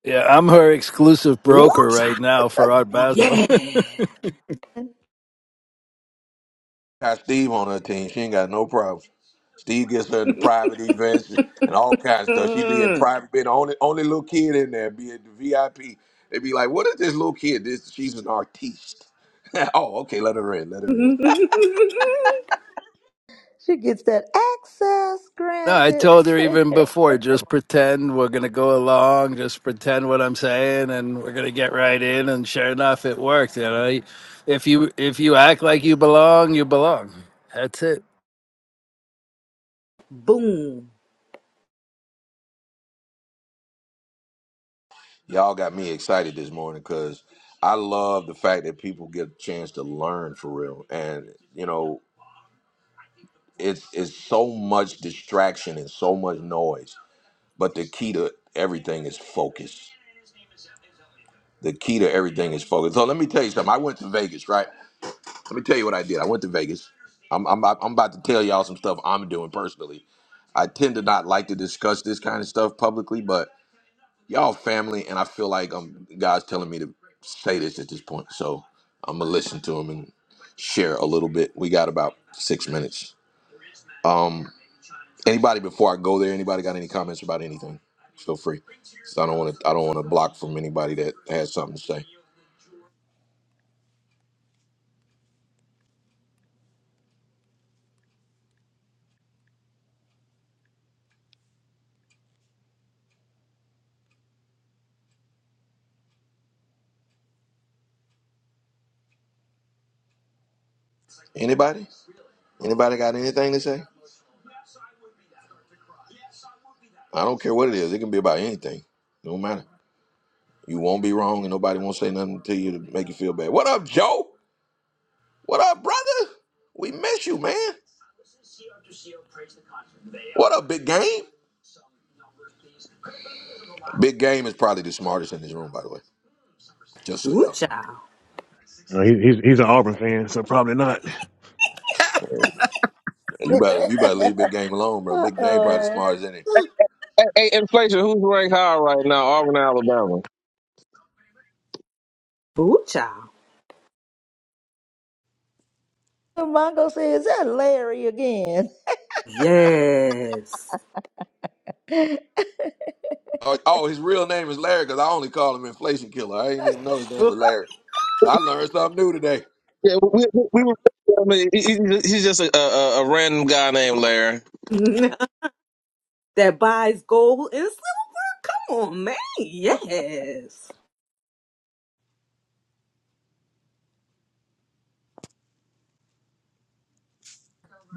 Speaker 13: Yeah, I'm her exclusive broker right now for Art Basel.
Speaker 3: Yes.
Speaker 1: Got Steve on her team. She ain't got no problems. Steve gets her into private events and all kinds of stuff. She be in
Speaker 3: Mm.
Speaker 1: private, be the only only little kid in there, be at the VIP. They be like, "What is this little kid? This she's an artiste." oh, okay, let her in, let her in.
Speaker 2: She gets that access
Speaker 13: No, I told her
Speaker 2: granted.
Speaker 13: even before, just pretend we're going to go along, just pretend what I'm saying and we're going to get right in and sure enough it worked, you know. If you if you act like you belong, you belong. That's it.
Speaker 3: Boom.
Speaker 1: Y'all got me excited this morning because I love the fact that people get a chance to learn for real, and you know, it's it's so much distraction and so much noise, but the key to everything is focus. The key to everything is focus. So let me tell you something. I went to Vegas, right? Let me tell you what I did. I went to Vegas. I'm, I'm, about- I'm about to tell y'all some stuff I'm doing personally. I tend to not like to discuss this kind of stuff publicly, but y'all family, and I feel like um God's telling me to say this at this point. So I'm gonna listen to him and share a little bit. We got about six minutes. Anybody before I go there? Anybody got any comments about anything? Feel free. So I don't want to. I don't want to block from anybody that has something to say. Anybody? Anybody got anything to say? I don't care what it is. It can be about anything. No matter. You won't be wrong, and nobody won't say nothing to you to make you feel bad. What up, Joe? What up, brother? We miss you, man. What up, big game? Big game is probably the smartest in this room, by the way. Just so
Speaker 3: Ooh,
Speaker 1: y'all
Speaker 3: child.
Speaker 14: No, he, he's he's an Auburn fan, so probably not. You
Speaker 1: know. You
Speaker 2: uh
Speaker 1: better you better leave Big Game alone, bro. Big Game probably the
Speaker 2: oh!
Speaker 1: smartest in it.
Speaker 15: Hey, hey, inflation. Who's ranked higher right now? Auburn, Alabama.
Speaker 3: Ooh, child.
Speaker 2: Mongo says, is that Larry again?
Speaker 3: Yes.
Speaker 1: Oh, oh, his real name is Larry, because I only call him inflation killer. I didn't even know his name was Larry. So I learned something new today.
Speaker 15: Yeah, we we, we were. I mean, he- he- he's just a, a a random guy named Larry.
Speaker 3: that buys gold and on man. Yes.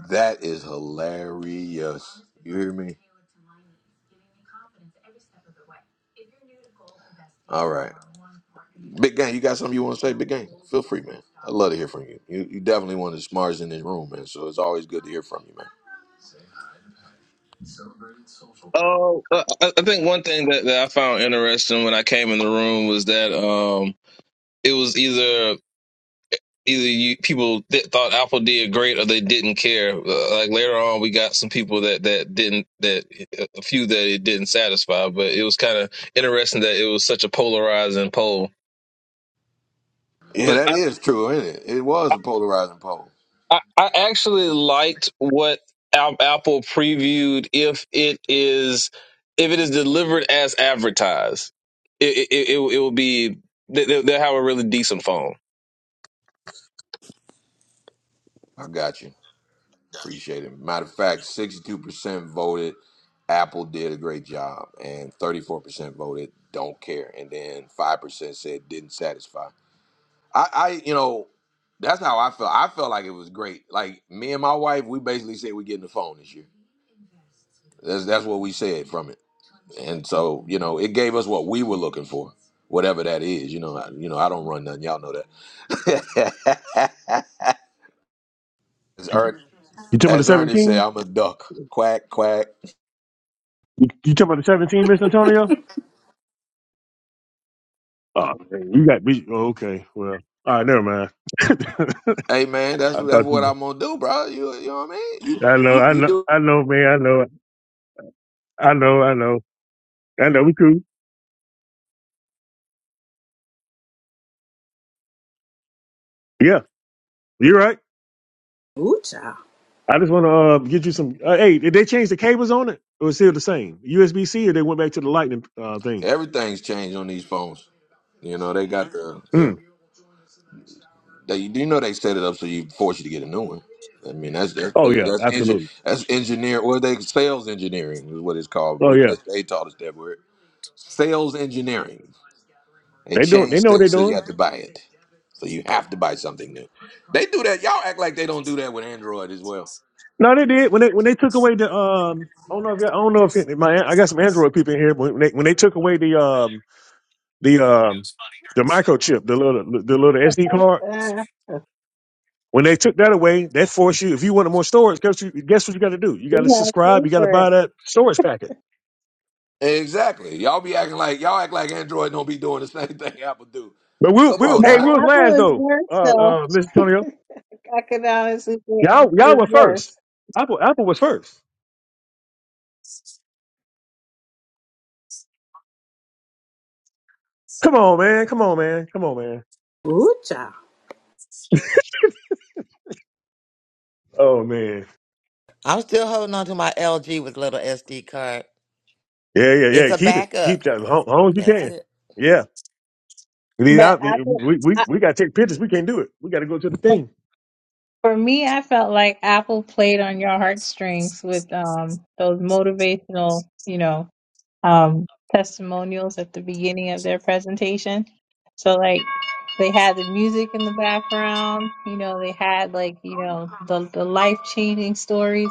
Speaker 1: That is hilarious. You hear me? All right. Big Gang, you got something you want to say? Big Gang, feel free, man. I'd love to hear from you. You, you definitely one of the smartest in this room, man. So it's always good to hear from you, man.
Speaker 15: Oh, uh, I I think one thing that, that I found interesting when I came in the room was that um, it was either either you people th- thought Apple did great or they didn't care. Uh, like later on, we got some people that that didn't that a few that it didn't satisfy, but it was kind of interesting that it was such a polarizing poll.
Speaker 1: Yeah,
Speaker 15: But.
Speaker 1: that is true, isn't it? It was a polarizing poll.
Speaker 15: I, I actually liked what Al- Apple previewed if it is if it is delivered as advertised. It it it, it will be they- they'll they'll have a really decent phone.
Speaker 1: I got you. Appreciate it. Matter of fact, 62% voted Apple did a great job, and 34% voted don't care, and then 5% said didn't satisfy. I, I, you know, that's how I felt. I felt like it was great. Like me and my wife, we basically said we're getting the phone this year. That's that's what we said from it. And so, you know, it gave us what we were looking for, whatever that is. You know, I, you know, I don't run nothing. Y'all know that. as, Ern,
Speaker 14: talking about the
Speaker 1: as Ernest said,
Speaker 14: seventeen?
Speaker 1: I'm a duck. Quack quack.
Speaker 14: You, you talking about the seventeen, Mr. Antonio? Oh, man, you got beat. Oh, okay, well, all right, never mind.
Speaker 1: Hey man, that's
Speaker 14: I
Speaker 1: that's
Speaker 14: thought
Speaker 1: what
Speaker 14: you.
Speaker 1: I'm gonna do, bro. You you know what I mean? You
Speaker 14: I know,
Speaker 1: you,
Speaker 14: I
Speaker 1: you
Speaker 14: know,
Speaker 1: do
Speaker 14: I know, man. I know, I know, I know, I know. We cool. Yeah, you're right.
Speaker 3: Ooh, child.
Speaker 14: I just want to uh, get you some. Uh, hey, did they change the cables on it, or is it still the same USB C, or they went back to the Lightning uh, thing?
Speaker 1: everything's changed on these phones. You know, they got the yeah.
Speaker 14: Mm.
Speaker 1: They, you do know they set it up so you force you to get a new one. I mean that's that's
Speaker 14: Oh yeah,
Speaker 1: that's engi-
Speaker 14: absolutely.
Speaker 1: that's engineer or they sales engineering is what it's called.
Speaker 14: Oh
Speaker 1: B-
Speaker 14: yeah,
Speaker 1: b- They taught us that word. Sales engineering. They
Speaker 14: they don't. They
Speaker 1: change
Speaker 14: know what they're
Speaker 1: things so
Speaker 14: doing.
Speaker 1: you have to buy it. So you have to buy something new. They do that. Y'all act like they don't do that with Android as well.
Speaker 14: No, they did when they when they took away the um. I don't know if y'all- I don't know if it, my I got some Android people in here. But when they when they took away the um the um the microchip, the little the little SD card,
Speaker 10: Uh,
Speaker 14: when they took that away, that forced you. If you wanted more storage, guess you guess what you got to do? You got to
Speaker 10: We have to
Speaker 14: subscribe.
Speaker 10: pay
Speaker 14: You got to
Speaker 10: for it.
Speaker 14: buy that storage packet.
Speaker 1: Exactly. Y'all be acting like y'all act like Android don't be doing the same thing Apple do.
Speaker 14: But we'll
Speaker 1: Come
Speaker 14: we'll
Speaker 1: on
Speaker 10: But
Speaker 14: hey we
Speaker 1: now.
Speaker 14: was
Speaker 10: Apple
Speaker 14: last
Speaker 10: is
Speaker 14: though, uh
Speaker 10: worse though.
Speaker 14: uh Mr. Antonio.
Speaker 10: I could honestly say I
Speaker 14: Y'all y'all were
Speaker 10: did
Speaker 14: first.
Speaker 10: worse,
Speaker 14: Apple Apple was first. Come on man, come on man, come on man.
Speaker 3: Ooh, child.
Speaker 14: Oh man,
Speaker 4: I'm still holding on to my LG with little SD card.
Speaker 14: yeah yeah
Speaker 4: It's
Speaker 14: yeah.
Speaker 4: a
Speaker 14: Keep it
Speaker 4: backup.
Speaker 14: keep that as long as long as you
Speaker 4: That's
Speaker 14: can.
Speaker 4: it.
Speaker 14: Yeah. We,
Speaker 10: but I,
Speaker 14: we,
Speaker 10: I
Speaker 14: we got to take pictures. We can't do it. We got to go to the
Speaker 10: for,
Speaker 14: thing.
Speaker 10: for me, I felt like Apple played on your heartstrings with um those motivational, you know, um testimonials at the beginning of their presentation. So like they had the music in the background, you know, they had like you know the the life changing stories.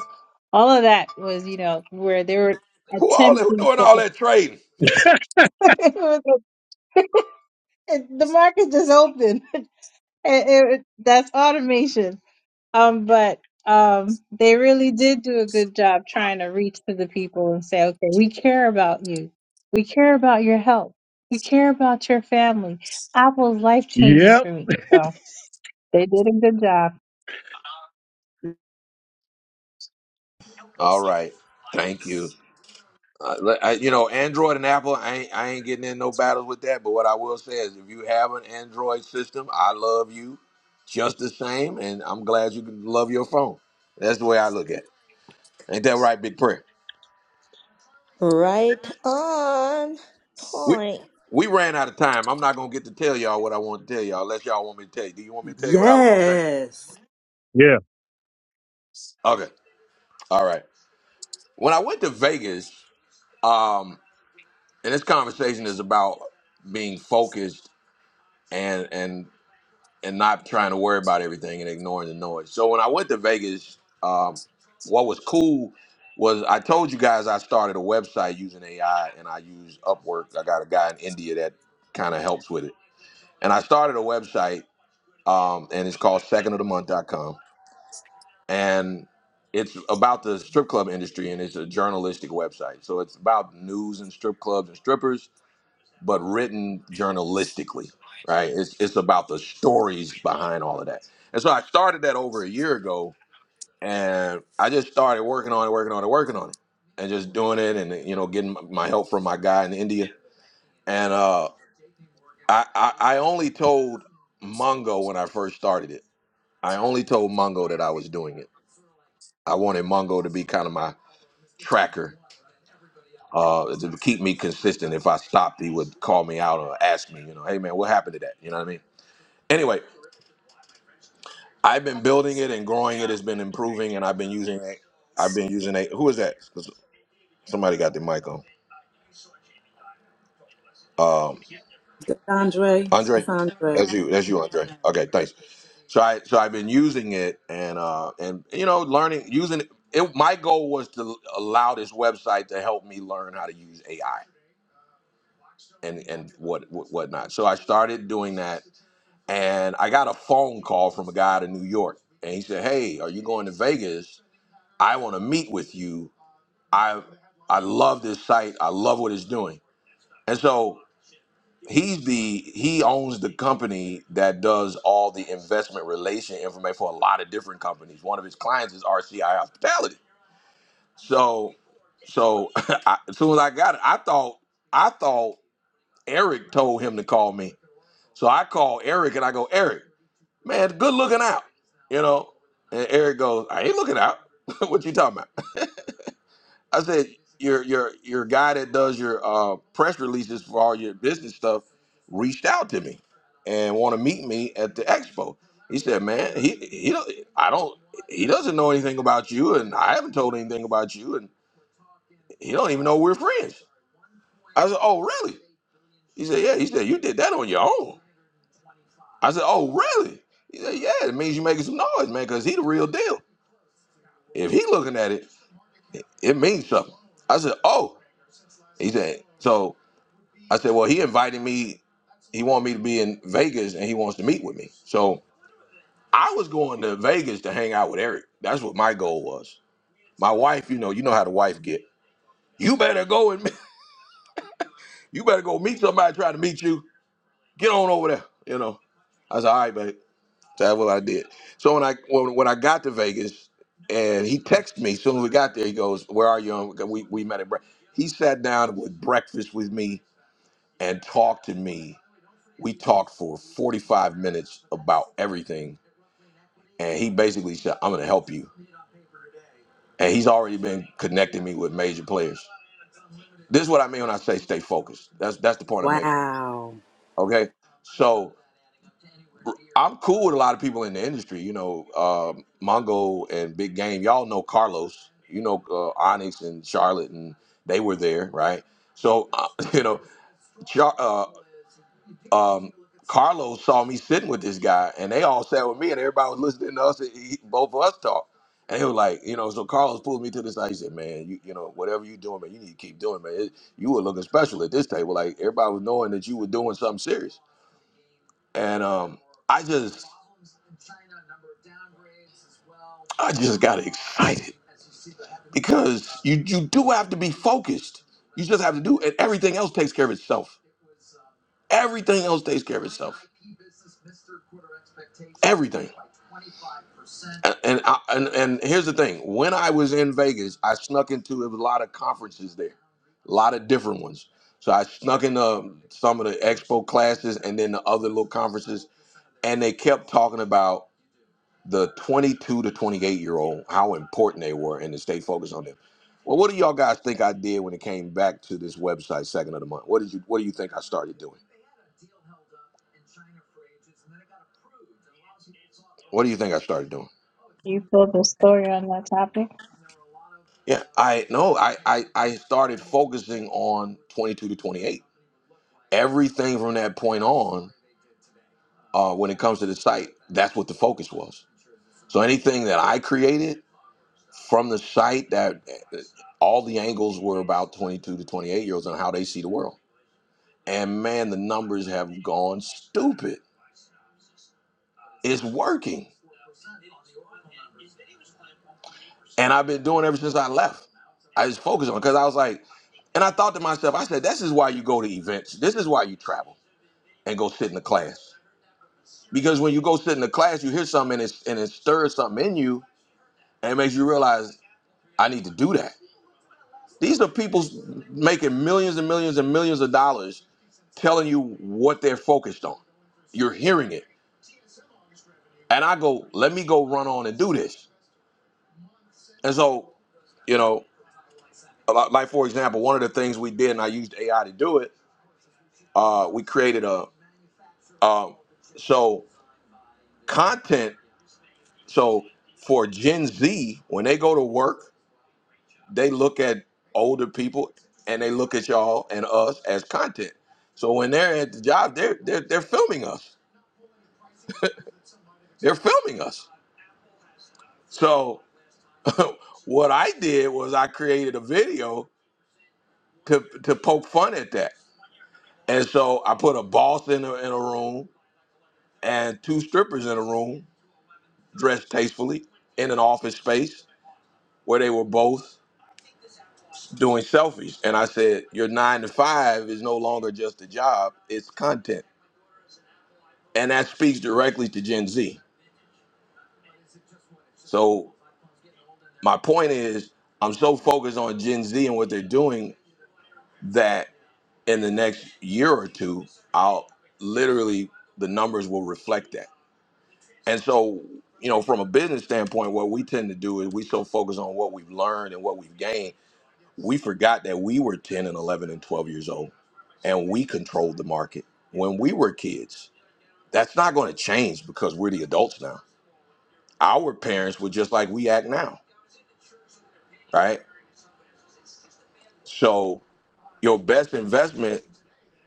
Speaker 10: All of that was you know where they were
Speaker 1: Who all that, who
Speaker 10: attempting
Speaker 1: doing
Speaker 10: to.
Speaker 1: all that trading?
Speaker 10: it was a- it- the market just opened. It- it- that's automation. Um, but um, they really did do a good job trying to reach to the people and say, okay, we care about you. We care about your health. We care about your family. Apple's life changing
Speaker 14: Yep.
Speaker 10: for me. So they did a good job.
Speaker 1: All right. Thank you. Uh, le- I- you know, Android and Apple, I ain't, I ain't getting in no battles with that. But what I will say is, if you have an Android system, I love you just the same, and I'm glad you can love your phone. That's the way I look at it. Ain't that right, Big Prayer?
Speaker 2: Right on
Speaker 1: We
Speaker 2: point.
Speaker 1: we ran out of time. I'm not gonna get to tell y'all what I want to tell y'all, unless y'all want me to tell you. Do you want me to tell you what I was gonna say?
Speaker 3: Yes.
Speaker 14: Yeah.
Speaker 1: Okay, all right. When I went to Vegas, um, and this conversation is about being focused and and. and not trying to worry about everything and ignoring the noise. So when I went to Vegas, um, what was cool was I told you guys I started a website using AI and I use Upwork. I got a guy in India that kind of helps with it. And I started a website um, and it's called second of the month dot com, And it's about the strip club industry and it's a journalistic website. So it's about news and strip clubs and strippers but written journalistically, right? It's, it's about the stories behind all of that. And so I started that over a year ago, and I just started working on it, working on it, working on it, and just doing it, and you know, getting my help from my guy in India. And uh, I, I I only told Mongo when I first started it. I only told Mongo that I was doing it. I wanted Mongo to be kind of my tracker. Uh, to keep me consistent. If I stopped, he would call me out or ask me, you know, hey man, what happened to that? You know what I mean? Anyway, I've been building it and growing it. It's been improving, and I've been using it. I've been using it. Who is that? Somebody got the mic on. Um,
Speaker 3: That's Andre.
Speaker 1: Andre,
Speaker 3: That's Andre.
Speaker 1: that's you. That's you, Andre. Okay, thanks. So I so I've been using it and uh and you know learning using it. it- My goal was to allow this website to help me learn how to use AI and and what what whatnot. So I started doing that, and I got a phone call from a guy out of New York, and he said, "Hey, are you going to Vegas? I want to meet with you." I I love this site. I love what it's doing. And so he's the he owns the company that does all the investment relation information for a lot of different companies. One of his clients is RCI Hospitality. So so I, as soon as I got it, I thought I thought Eric told him to call me. So I call Eric and I go, Eric, man, good looking out, you know. And Eric goes, I ain't looking out. what you talking about? I said your your your guy that does your uh, press releases for all your business stuff reached out to me and want to meet me at the expo. He said, "Man, he he don't, I don't he doesn't know anything about you, and I haven't told anything about you, and he don't even know we're friends." I said, "Oh, really?" He said, "Yeah." He said, "You did that on your own." I said, "Oh, really?" He said, "Yeah." It means you're making some noise, man, because he the real deal. If he looking at it, it means something. I said, "Oh." He said, "So." I said, well, he invited me. He wanted me to be in Vegas and he wants to meet with me. So I was going to Vegas to hang out with Eric. That's what my goal was. My wife, you know, you know how the wife get. You better go and you better go meet somebody trying to meet you. Get on over there. You know. I said, all right, babe. So that's what I did. So when I when, when I got to Vegas and he texted me as soon as we got there, he goes, Where are you? We we met at breakfast. He sat down with breakfast with me and talked to me we talked for 45 minutes about everything and he basically said i'm going to help you and he's already been connecting me with major players this is what i mean when i say stay focused that's that's the point i'm making
Speaker 3: Wow.
Speaker 1: okay so i'm cool with a lot of people in the industry you know uh, mongo and big game y'all know carlos you know uh, onyx and charlotte and they were there right so uh, you know Char- uh, um, Carlos saw me sitting with this guy, and they all sat with me, and everybody was listening to us, and he, both of us talk. And he was like, you know, so Carlos pulled me to the side. He said, "Man, you, you know, whatever you doing, man, you need to keep doing, man. It, you were looking special at this table. Like everybody was knowing that you were doing something serious." And um, I just, I just got excited because you, you do have to be focused. You just have to do, and everything else takes care of itself Everything else takes care of itself. Everything. And and, I, and and here's the thing: when I was in Vegas, I snuck into it was a lot of conferences there, a lot of different ones. So I snuck into some of the expo classes and then the other little conferences, and they kept talking about the 22 to 28 year old, how important they were, and to stay focused on them. Well, what do y'all guys think I did when it came back to this website second of the month? What did you What do you think I started doing? What do you think I started doing?
Speaker 10: You pulled the story on that topic.
Speaker 1: Yeah, I no, I I, I started focusing on 22 to 28. Everything from that point on, uh, when it comes to the site, that's what the focus was. So anything that I created from the site, that uh, all the angles were about 22 to 28 year olds and how they see the world. And man, the numbers have gone stupid. It's working, and I've been doing it ever since I left. I just focused on because I was like, and I thought to myself, I said, this is why you go to events. This is why you travel and go sit in the class. Because when you go sit in the class, you hear something and it, and it stirs something in you and it makes you realize, I need to do that. These are people making millions and millions and millions of dollars telling you what they're focused on. You're hearing it. And I go, let me go run on and do this. And so, you know, a lot- like for example, one of the things we did, and I used AI to do it, uh, we created a, um, so content, so for Gen Z, when they go to work, they look at older people and they look at y'all and us as content. So when they're at the job, they're they're, they're filming us. They're filming us. So what I did was I created a video to to poke fun at that. And so I put a boss in a, in a room and two strippers in a room dressed tastefully in an office space where they were both doing selfies. And I said, your nine to five is no longer just a job; it's content and that speaks directly to Gen Z. So my point is, I'm so focused on Gen Z and what they're doing that in the next year or two, I'll literally the numbers will reflect that. And so, you know, from a business standpoint, what we tend to do is we so focus on what we've learned and what we've gained, we forgot that we were 10 and 11 and 12 years old, and we controlled the market when we were kids. That's not going to change because we're the adults now. Our parents were just like we act now right? So your best investment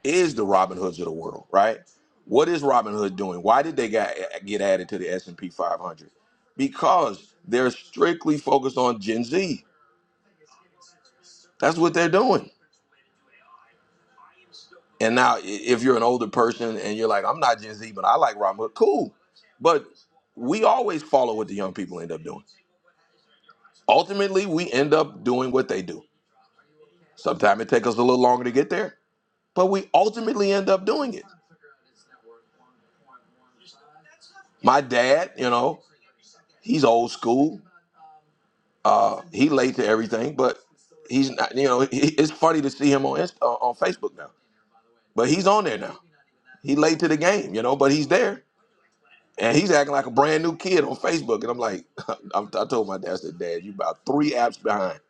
Speaker 1: is the Robin Hoods of the world, right? What is Robin Hood doing? Why did they got, get added to the S&P 500? Because they're strictly focused on Gen Z. That's what they're doing. And now i- if you're an older person and you're like, I'm not Gen Z, but I like Robin Hood, cool. But we always follow what the young people end up doing. Ultimately, we end up doing what they do. Sometimes it takes us a little longer to get there, but we ultimately end up doing it. My dad, you know, he's old school. Uh, he late to everything, but he's not. You know, he, it's funny to see him on Insta, on Facebook now. But he's on there now. He late to the game, you know, but he's there. And he's acting like a brand new kid on Facebook. And I'm like, I'm, I told my dad, I said, Dad, you about three apps behind.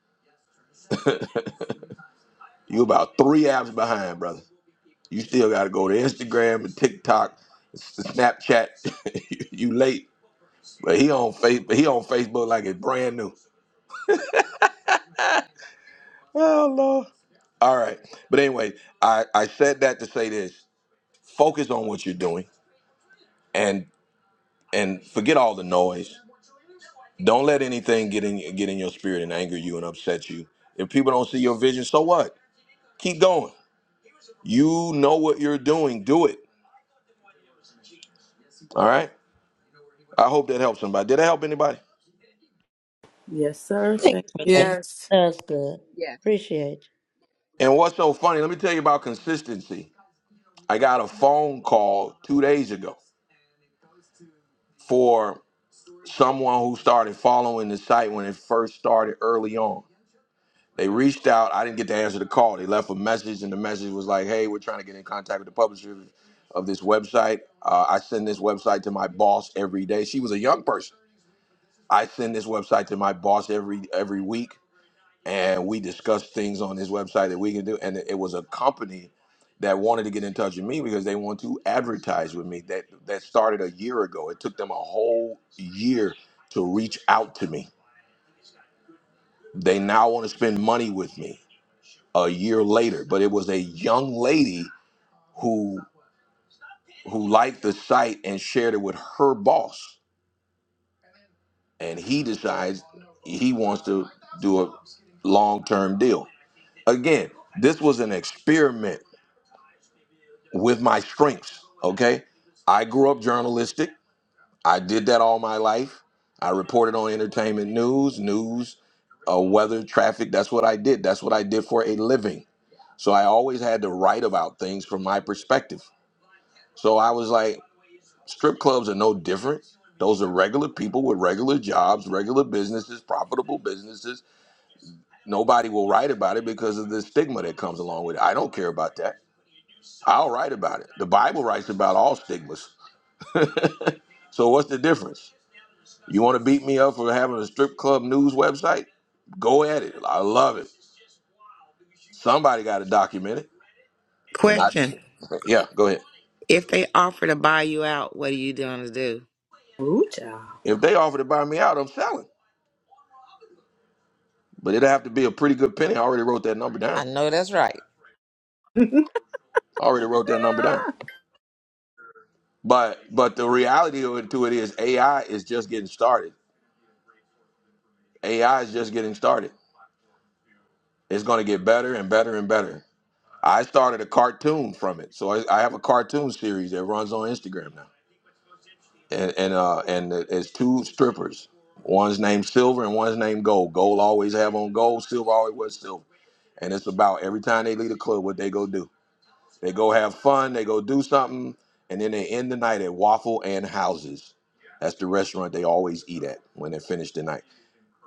Speaker 1: you about three apps behind, brother. You still got to go to Instagram and TikTok, Snapchat. you late. But he on face, he on Facebook like it's brand new. Oh Lord. All right. But anyway, I, I said that to say this. Focus on what you're doing and and forget all the noise. Don't let anything get in get in your spirit and anger you and upset you. If people don't see your vision, so what? Keep going. You know what you're doing. Do it. All right. I hope that helps somebody. Did it help anybody?
Speaker 3: Yes, sir.
Speaker 2: Thank
Speaker 3: Thank
Speaker 2: you for that.
Speaker 3: you.
Speaker 11: Yes.
Speaker 2: That's good.
Speaker 8: you. Yeah.
Speaker 2: Appreciate
Speaker 1: And what's so funny, let me tell you about consistency. I got a phone call two days ago for someone who started following the site when it first started early on They reached out. I didn't get to answer the call. They left a message, and the message was like, "Hey, we're trying to get in contact with the publisher of this website. Uh, I send this website to my boss every day. She was a young person. I send this website to my boss every every week, and we discuss things on this website that we can do. And it was a company that wanted to get in touch with me because they want to advertise with me. That that started a year ago. It took them a whole year to reach out to me. They now want to spend money with me a year later, but it was a young lady who who liked the site and shared it with her boss, and he decides he wants to do a long-term deal. Again, this was an experiment with my strengths, okay? I grew up journalistic. I did that all my life. I reported on entertainment news, news, uh, weather, traffic. That's what I did. That's what I did for a living. So I always had to write about things from my perspective. So I was like, strip clubs are no different. Those are regular people with regular jobs, regular businesses, profitable businesses. Nobody will write about it because of the stigma that comes along with it. I don't care about that. I'll write about it. The Bible writes about all stigmas. So what's the difference? You want to beat me up for having a strip club news website? Go at it. I love it. Somebody got to document it. And I,
Speaker 4: Question:
Speaker 1: yeah, go ahead.
Speaker 4: If they offer to buy you out, what are you gonna do?
Speaker 3: Ooh, child.
Speaker 1: If they offer to buy me out, I'm selling. But it'd have to be a pretty good penny. I already wrote that number down.
Speaker 4: I know that's right.
Speaker 1: I already wrote that number down. But but the reality of it- to it is AI is just getting started. AI is just getting started. It's going to get better and better and better. I started a cartoon from it, so I, I have a cartoon series that runs on Instagram now, and and uh, and it's two strippers. One's named Silver and one's named Gold. Gold always have on gold. Silver always was silver. And it's about every time they leave the club, what they go do. They go have fun, they go do something, and then they end the night at Waffle and Houses. That's the restaurant they always eat at when they finish the night.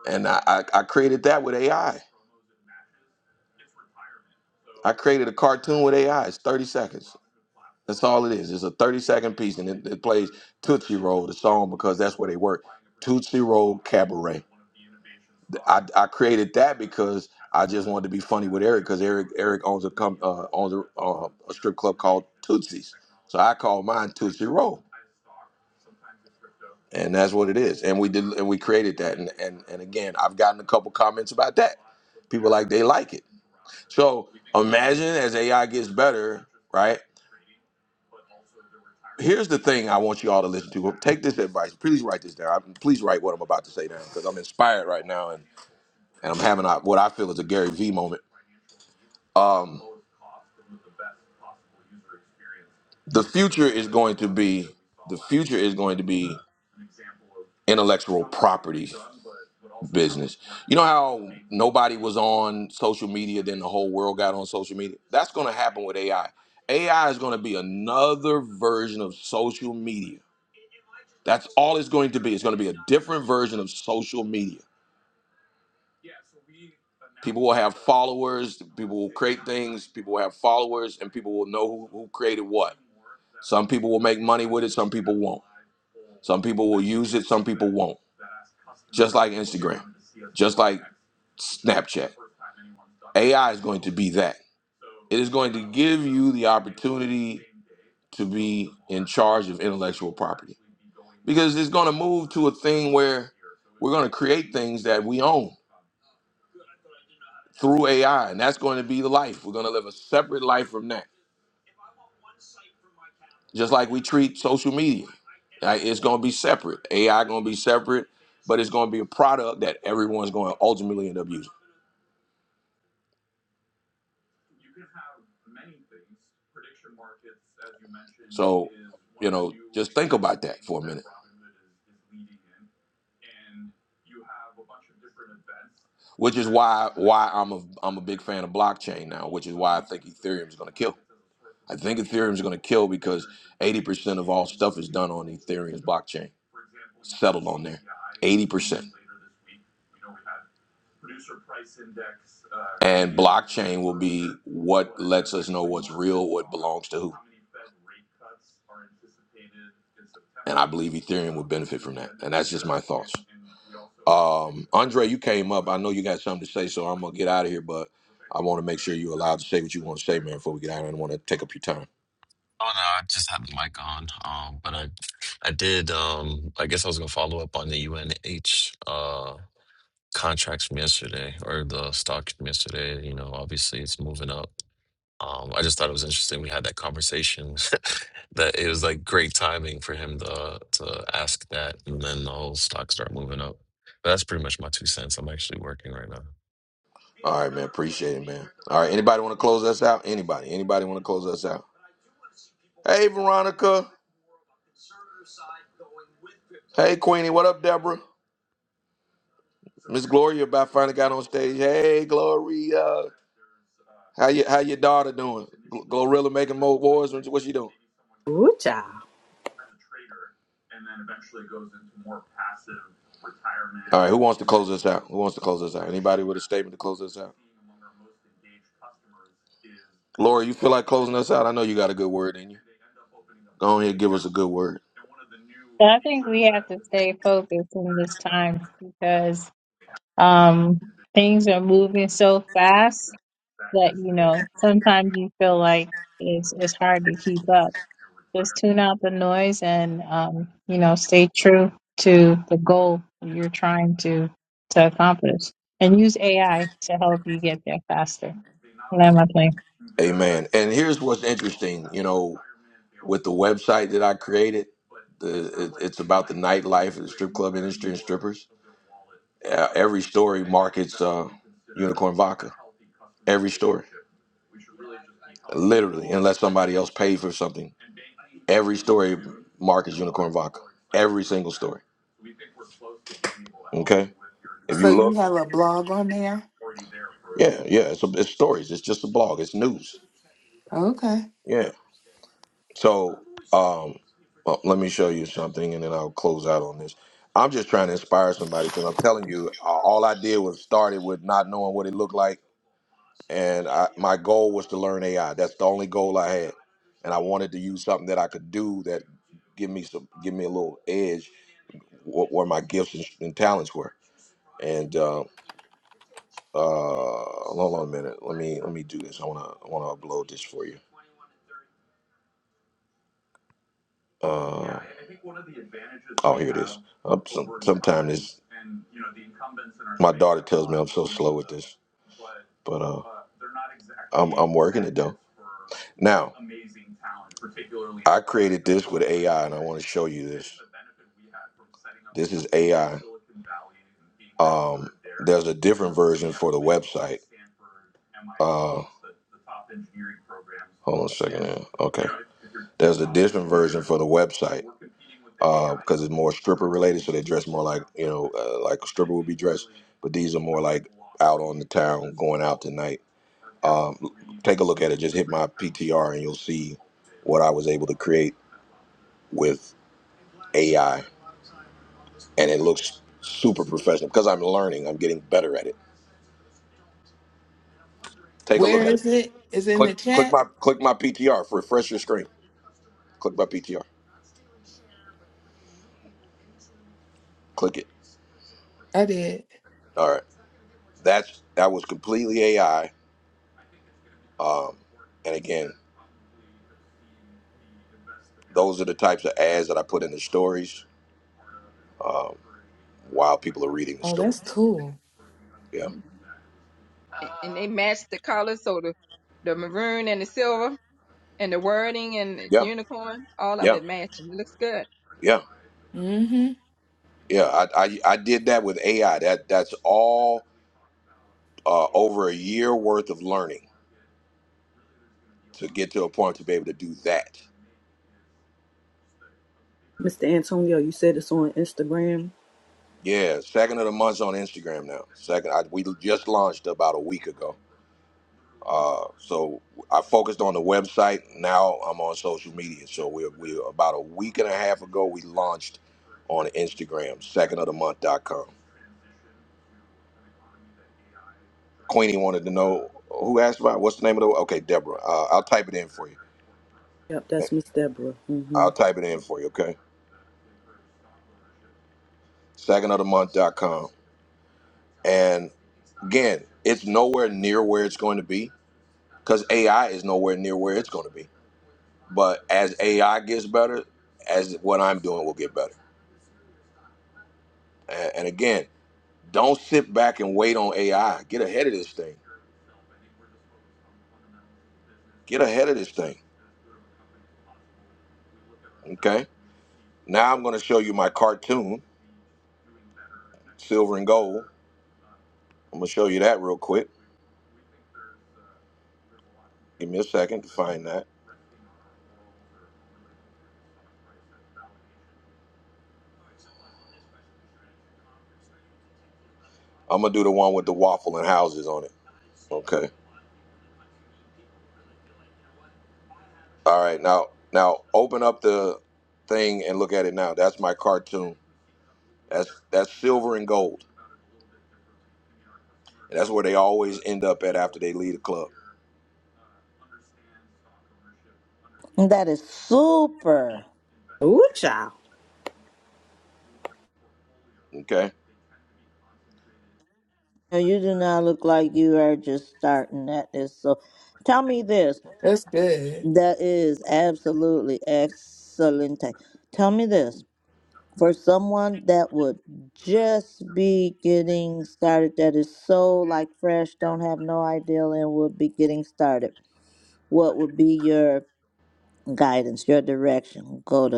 Speaker 1: And I, I, I created that with AI. I I created a cartoon with AI. It's 30 seconds. That's all it is. It's a 30 second piece, and it, it plays Tootsie Roll, the song, because that's where they work. Tootsie Roll Cabaret. I, I created that because I just wanted to be funny with Eric because Eric Eric owns a com, uh, owns a, uh, a strip club called Tootsie's, so I call mine Tootsie Roll. and that's what it is and we did and we created that and and, and again i've gotten a couple comments about that people like they like it so imagine as ai gets better right here's the thing i want you all to listen to take this advice please write this down please write what i'm about to say down because i'm inspired right now and, and i'm having a, what i feel is a gary vee moment um, the future is going to be the future is going to be intellectual property business. You know how nobody was on social media, then the whole world got on social media? That's going to happen with AI. AI is going to be another version of social media. That's all it's going to be. It's going to be a different version of social media. People will have followers, people will create things, people will have followers, and people will know who, who created what. Some people will make money with it, some people won't. Some people will use it, some people won't. Just like Instagram, just like Snapchat. AI is going to be that. It is going to give you the opportunity to be in charge of intellectual property because it's going to move to a thing where we're going to create things that we own through AI, and that's going to be the life. We're going to live a separate life from that, just like we treat social media. Like, It's going to be separate. AI going to be separate, but it's going to be a product that everyone's going to ultimately end up using. You can have many things. Prediction markets, as you mentioned, So, is one you of the know, new just think about that things for a that minute. Robinhood is, is leading in. Which is why why I'm a I'm a big fan of blockchain now, which is why I think Ethereum is going to kill. I think Ethereum is going to kill because 80% of all stuff is done on Ethereum's blockchain, settled on there. 80%. Producer price index, uh, And blockchain will be what lets us know what's real, what belongs to who. How many Fed rate cuts are anticipated in September? And I believe Ethereum would benefit from that. And that's just my thoughts. Um, Andre, you came up. I know you got something to say, so I'm gonna get out of here. But I want to make sure you're allowed to say what you want to say, man. Before we get out, I don't want to take up your time.
Speaker 16: Oh no, I just had the mic on. Um, but I, I did. Um, I guess I was gonna follow up on the UNH uh contracts from yesterday or the stock from yesterday. You know, obviously it's moving up. Um, I just thought it was interesting. We had that conversation that it was like great timing for him to to ask that, and then the whole stock start moving up. But that's pretty much my two cents. I'm actually working right now.
Speaker 1: All right, man. Appreciate it, man. All right. Anybody want to close us out? Anybody? Anybody want to close us out? Hey, Veronica. Hey, Queenie. What up, Deborah? Miss Gloria about finally got on stage. Hey, Gloria. How you? How your daughter doing? Gl- Glorilla making more wars? Or what she doing?
Speaker 3: Ooh, child.
Speaker 1: All right. Who wants to close us out? Who wants to close us out? Anybody with a statement to close us out? Laura, you feel like closing us out? I know you got a good word in you. Go ahead, give us a good word.
Speaker 10: But I think we have to stay focused in this time because um, things are moving so fast that, you know, sometimes you feel like it's, it's hard to keep up Just tune out the noise and, um, you know, stay true to the goal that you're trying to, to accomplish and use AI to help you get there faster. Land my plane.
Speaker 1: Amen. And here's what's interesting, you know, with the website that I created, the, it, it's about the nightlife of the strip club industry and strippers. Uh, every story markets uh, unicorn vodka. Every story, literally, unless somebody else paid for something. Every story markets unicorn vodka. Every single story. Okay. If
Speaker 11: So
Speaker 1: you
Speaker 11: you
Speaker 1: look,
Speaker 11: have a blog on there?
Speaker 1: yeah, yeah, it's, it's stories. It's just a blog. It's news.
Speaker 11: Okay.
Speaker 1: Yeah. So, um, well, let me show you something, and then I'll close out on this. I'm just trying to inspire somebody because I'm telling you, uh, all I did was started with not knowing what it looked like, and I, my goal was to learn AI. That's the only goal I had, and I wanted to use something that I could do that give me some, give me a little edge wh- where my gifts and, and talents were. And uh, uh, hold on a minute, let me let me do this. I wanna I wanna upload this for you. Uh, oh, here it is. I'm some, sometimes it's, my daughter tells me I'm so slow at this, but uh, I'm, I'm working it though. Now, I created this with AI, and I want to show you this. This is AI. Um, there's a different version for the website. Uh, hold on a second. Now. Okay, there's a different version for the website because it's more stripper related, so they dress more like you know, uh, like a stripper would be dressed. But these are more like out on the town, going out tonight. Um, take a look at it. Just hit my PTR, and you'll see what I was able to create with AI, and it looks super professional because I'm learning. I'm getting better at it. Take a
Speaker 11: Where
Speaker 1: look at it.
Speaker 11: is it? Is it in
Speaker 1: Click,
Speaker 11: the
Speaker 1: click
Speaker 11: chat?
Speaker 1: my, click my PTR. Refresh your screen. Click my PTR. Click it.
Speaker 11: I did.
Speaker 1: All right. That's that was completely AI. Um, and again, those are the types of ads that I put in the stories um, while people are reading the
Speaker 11: Oh,
Speaker 1: story.
Speaker 11: that's cool.
Speaker 1: Yeah.
Speaker 8: Mhm. And and Uh, they Uh, matched the colors, so the the maroon and the silver and the wording and the
Speaker 1: Yeah.
Speaker 8: unicorn, all of
Speaker 1: Yeah.
Speaker 8: it matching. It looks good.
Speaker 1: Yeah.
Speaker 11: Mm-hmm.
Speaker 1: Yeah. I, I I did that with AI. That that's all uh, over a year worth of learning to get to a point to be able to do that.
Speaker 3: Mr. Antonio, you said it's on Instagram.
Speaker 1: Yeah, second of the month's on Instagram now. Second, I, we just launched about a week ago Uh, so I focused on the website. Now I'm on social media. So we're, we're about a week and a half ago, we launched on Instagram, Second of the Month dot com. Queenie wanted to know who asked about what's the name of the okay, Deborah. Uh, I'll type it in for you.
Speaker 3: Yep, that's Miss Deborah. Mm-hmm.
Speaker 1: I'll type it in for you, okay? Second of the Month dot com. And again, it's nowhere near where it's going to be because AI is nowhere near where it's going to be. But as AI gets better, as what I'm doing will get better. A- And, again, Don't sit back and wait on AI. Get ahead of this thing. Get ahead of this thing. Okay. Now I'm going to show you my cartoon, Silver and Gold. I'm going to show you that real quick. Give me a second to find that. I'm going to do the one with the waffle and houses on it. Okay. All right. Now, now open up the thing and look at it now. That's my cartoon. That's that's Silver and Gold. And that's where they always end up at after they leave the club.
Speaker 2: And That is super.
Speaker 3: Ooh, child.
Speaker 1: Okay.
Speaker 2: you. You do not look like you are just starting at this. So tell me this.
Speaker 11: That's good.
Speaker 2: That is absolutely excellent. Tell me this. for someone that would just be getting started that is so like fresh don't have no idea and would be getting started what would be your guidance your direction go to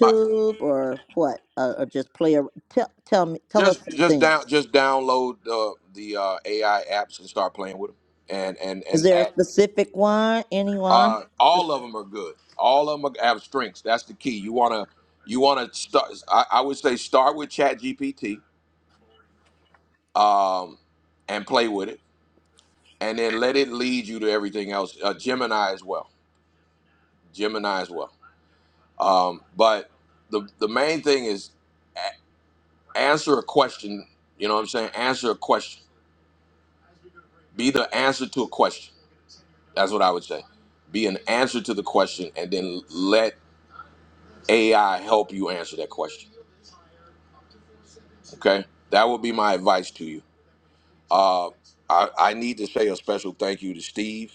Speaker 1: My
Speaker 2: or what uh, or just play a tell, tell me tell us
Speaker 1: Just
Speaker 2: some
Speaker 1: just
Speaker 2: things
Speaker 1: down just download uh, the uh, AI apps and start playing with them. And and
Speaker 2: is
Speaker 1: and
Speaker 2: there a
Speaker 1: add-
Speaker 2: specific one anyone
Speaker 1: uh, all of them are good. All of them have strengths. That's the key. You wanna you wanna start. I, I would say start with Chat GPT um, and play with it, and then let it lead you to everything else. Uh, Gemini as well. Gemini as well. Um, but the the main thing is a- answer a question. You know what I'm saying? Answer a question. Be the answer to a question That's what I would say. Be an answer to the question and then let AI help you answer that question. Okay? That would be my advice to you. Uh, I, I need to say a special thank you to Steve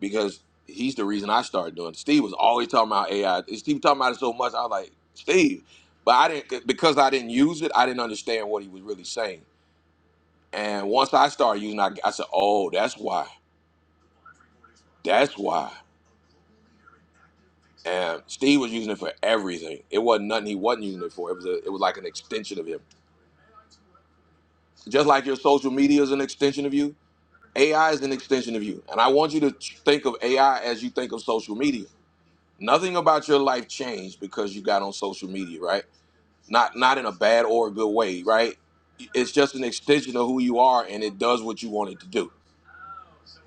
Speaker 1: because he's the reason I started doing it. Steve was always talking about AI. Steve talking about it so much, I was like, Steve. But I didn't, because I didn't use it, I didn't understand what he was really saying. And once I started using it, I, I said, oh, that's why. That's why. And Steve was using it for everything. It wasn't nothing he wasn't using it for. It was a, it was like an extension of him. Just like your social media is an extension of you, AI is an extension of you. And I want you to think of AI as you think of social media. Nothing about your life changed because you got on social media, right? Not not in a bad or a good way, right? It's just an extension of who you are and it does what you want it to do.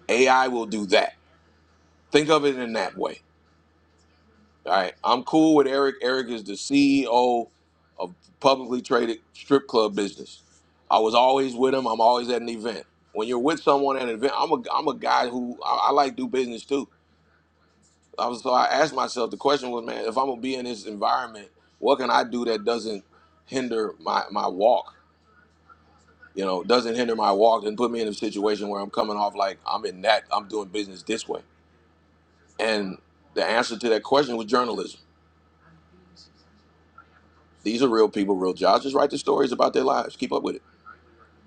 Speaker 1: AI will do that. Think of it in that way. All right, I'm cool with Eric. Eric is the CEO of publicly traded strip club business. I was always with him. I'm always at an event. When you're with someone at an event, I'm a I'm a guy who I, I like do business too. I was so I asked myself the question was, man, if I'm gonna be in this environment, what can I do that doesn't hinder my my walk? You know, doesn't hinder my walk and put me in a situation where I'm coming off like I'm in that I'm doing business this way. And the answer to that question was journalism These are real people, real jobs. Just write the stories about their lives. Keep up with it.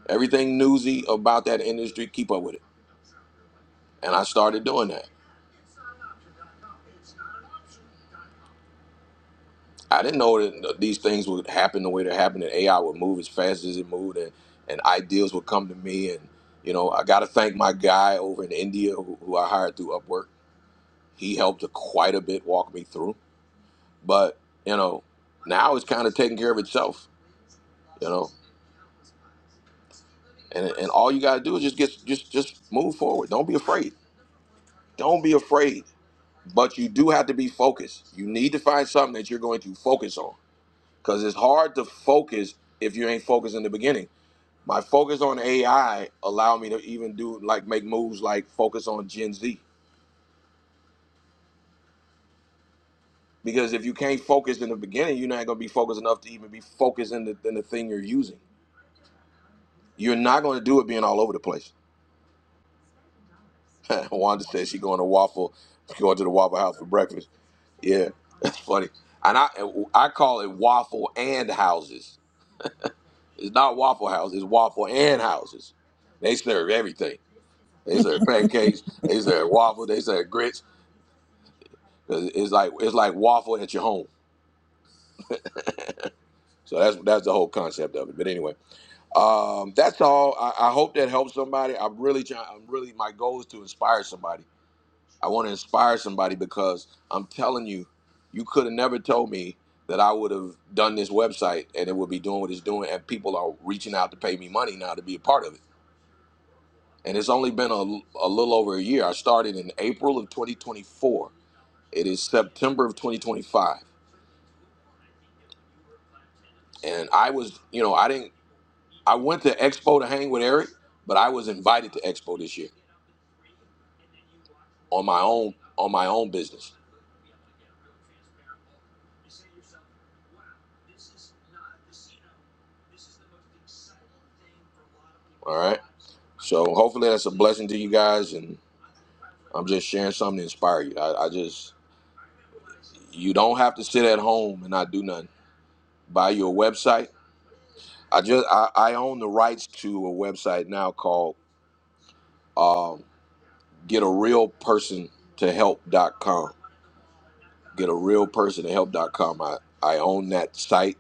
Speaker 1: Everything newsy about that industry, keep up with it. And I started doing that. I didn't know that these things would happen the way they happened, and AI would move as fast as it moved, and, and ideas would come to me. And, you know, I got to thank my guy over in India who, who I hired through Upwork. He helped quite a bit walk me through. But, you know, now it's kind of taking care of itself, you know. And, and all you got to do is just get just just move forward. Don't be afraid. Don't be afraid but you do have to be focused. You need to find something that you're going to focus on because it's hard to focus if you ain't focused in the beginning. My focus on AI allowed me to even do like make moves like focus on Gen Z because if you can't focus in the beginning, you're not going to be focused enough to even be focused in the, in the thing you're using. You're not going to do it being all over the place. Wanda said she going to waffle, she going to the Waffle House for breakfast. Yeah, that's funny. And I I call it waffle and houses It's not Waffle House. It's Waffle and Houses. They serve everything. They serve pancakes. They serve waffle. They serve grits. It's like it's like waffle at your home. So that's that's the whole concept of it. But anyway, um, that's all. I, I hope that helps somebody. I'm really trying. I'm really my goal is to inspire somebody. I want to inspire somebody because I'm telling you, you could have never told me that I would have done this website and it would be doing what it's doing, and people are reaching out to pay me money now to be a part of it. and it's only been a, a little over a year. I started in April of 2024. It is September of 2025, and I was, you know, I didn't. I went to Expo to hang with Eric, but I was invited to Expo this year on my own on my own business. All right, so hopefully that's a blessing to you guys, and I'm just sharing something to inspire you. I, I just you don't have to sit at home and not do nothing. Buy your website. I just I, I own the rights to a website now called um, get a real person to help.com get a real person to help.com i, I own that site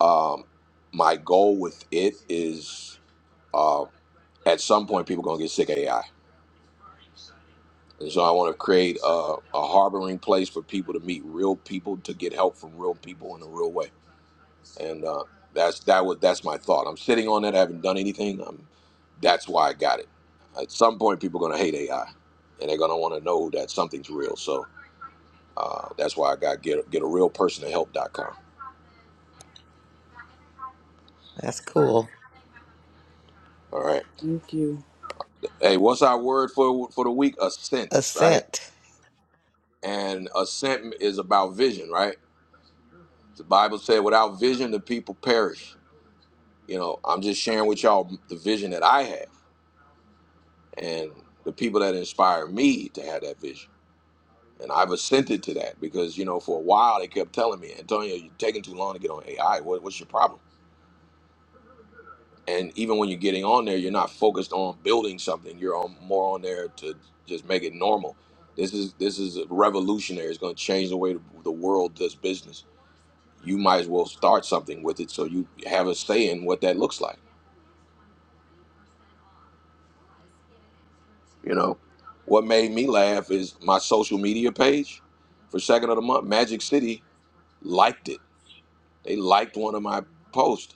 Speaker 1: um, my goal with it is uh, at some point people going to get sick of ai and so i want to create a, a harboring place for people to meet real people to get help from real people in a real way and uh, that's that was that's my thought i'm sitting on it i haven't done anything i am that's why i got it at some point people are going to hate ai and they're going to want to know that something's real so Uh, that's why I got get get a real person to help. dot com.
Speaker 4: That's cool.
Speaker 1: All right.
Speaker 3: Thank you.
Speaker 1: Hey, what's our word for for the week? Assent, right?
Speaker 4: Ascent.
Speaker 1: And assent is about vision, right? The Bible said, "Without vision, the people perish." You know, I'm just sharing with y'all the vision that I have and the people that inspire me to have that vision. And I've assented to that because you know, for a while they kept telling me, "Antonio, you're taking too long to get on AI. What, what's your problem?" and even when you're getting on there you're not focused on building something you're on more on there to just make it normal this is this is revolutionary it's going to change the way the world does business you might as well start something with it so you have a say in what that looks like you know what made me laugh is my social media page for second of the month magic city liked it they liked one of my posts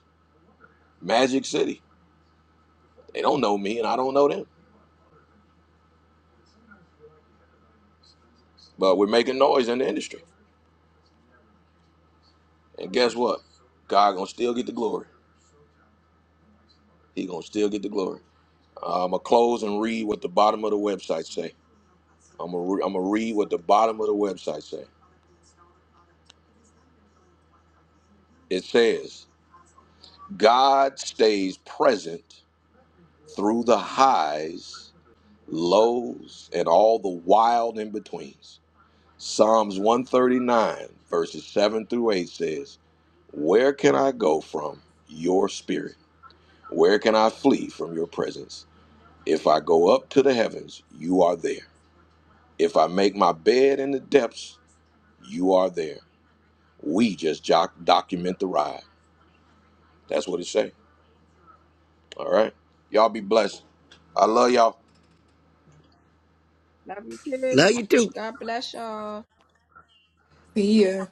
Speaker 1: magic city they don't know me and i don't know them but we're making noise in the industry And guess what? God gonna still get the glory. He gonna still get the glory. Uh, I'm gonna close and read what the bottom of the website say. I'm gonna re- I'm gonna read what the bottom of the website say. It says, God stays present through the highs, lows, and all the wild in betweens. Psalms 139 verses 7 through 8 says, Where can I go from your spirit? Where can I flee from your presence? If I go up to the heavens, you are there. If I make my bed in the depths, you are there. We just joc- document the ride. That's what it say. All right. Y'all be blessed. I love y'all.
Speaker 8: Love you
Speaker 4: Love
Speaker 8: too.
Speaker 4: you too.
Speaker 8: God bless y'all.
Speaker 11: See ya.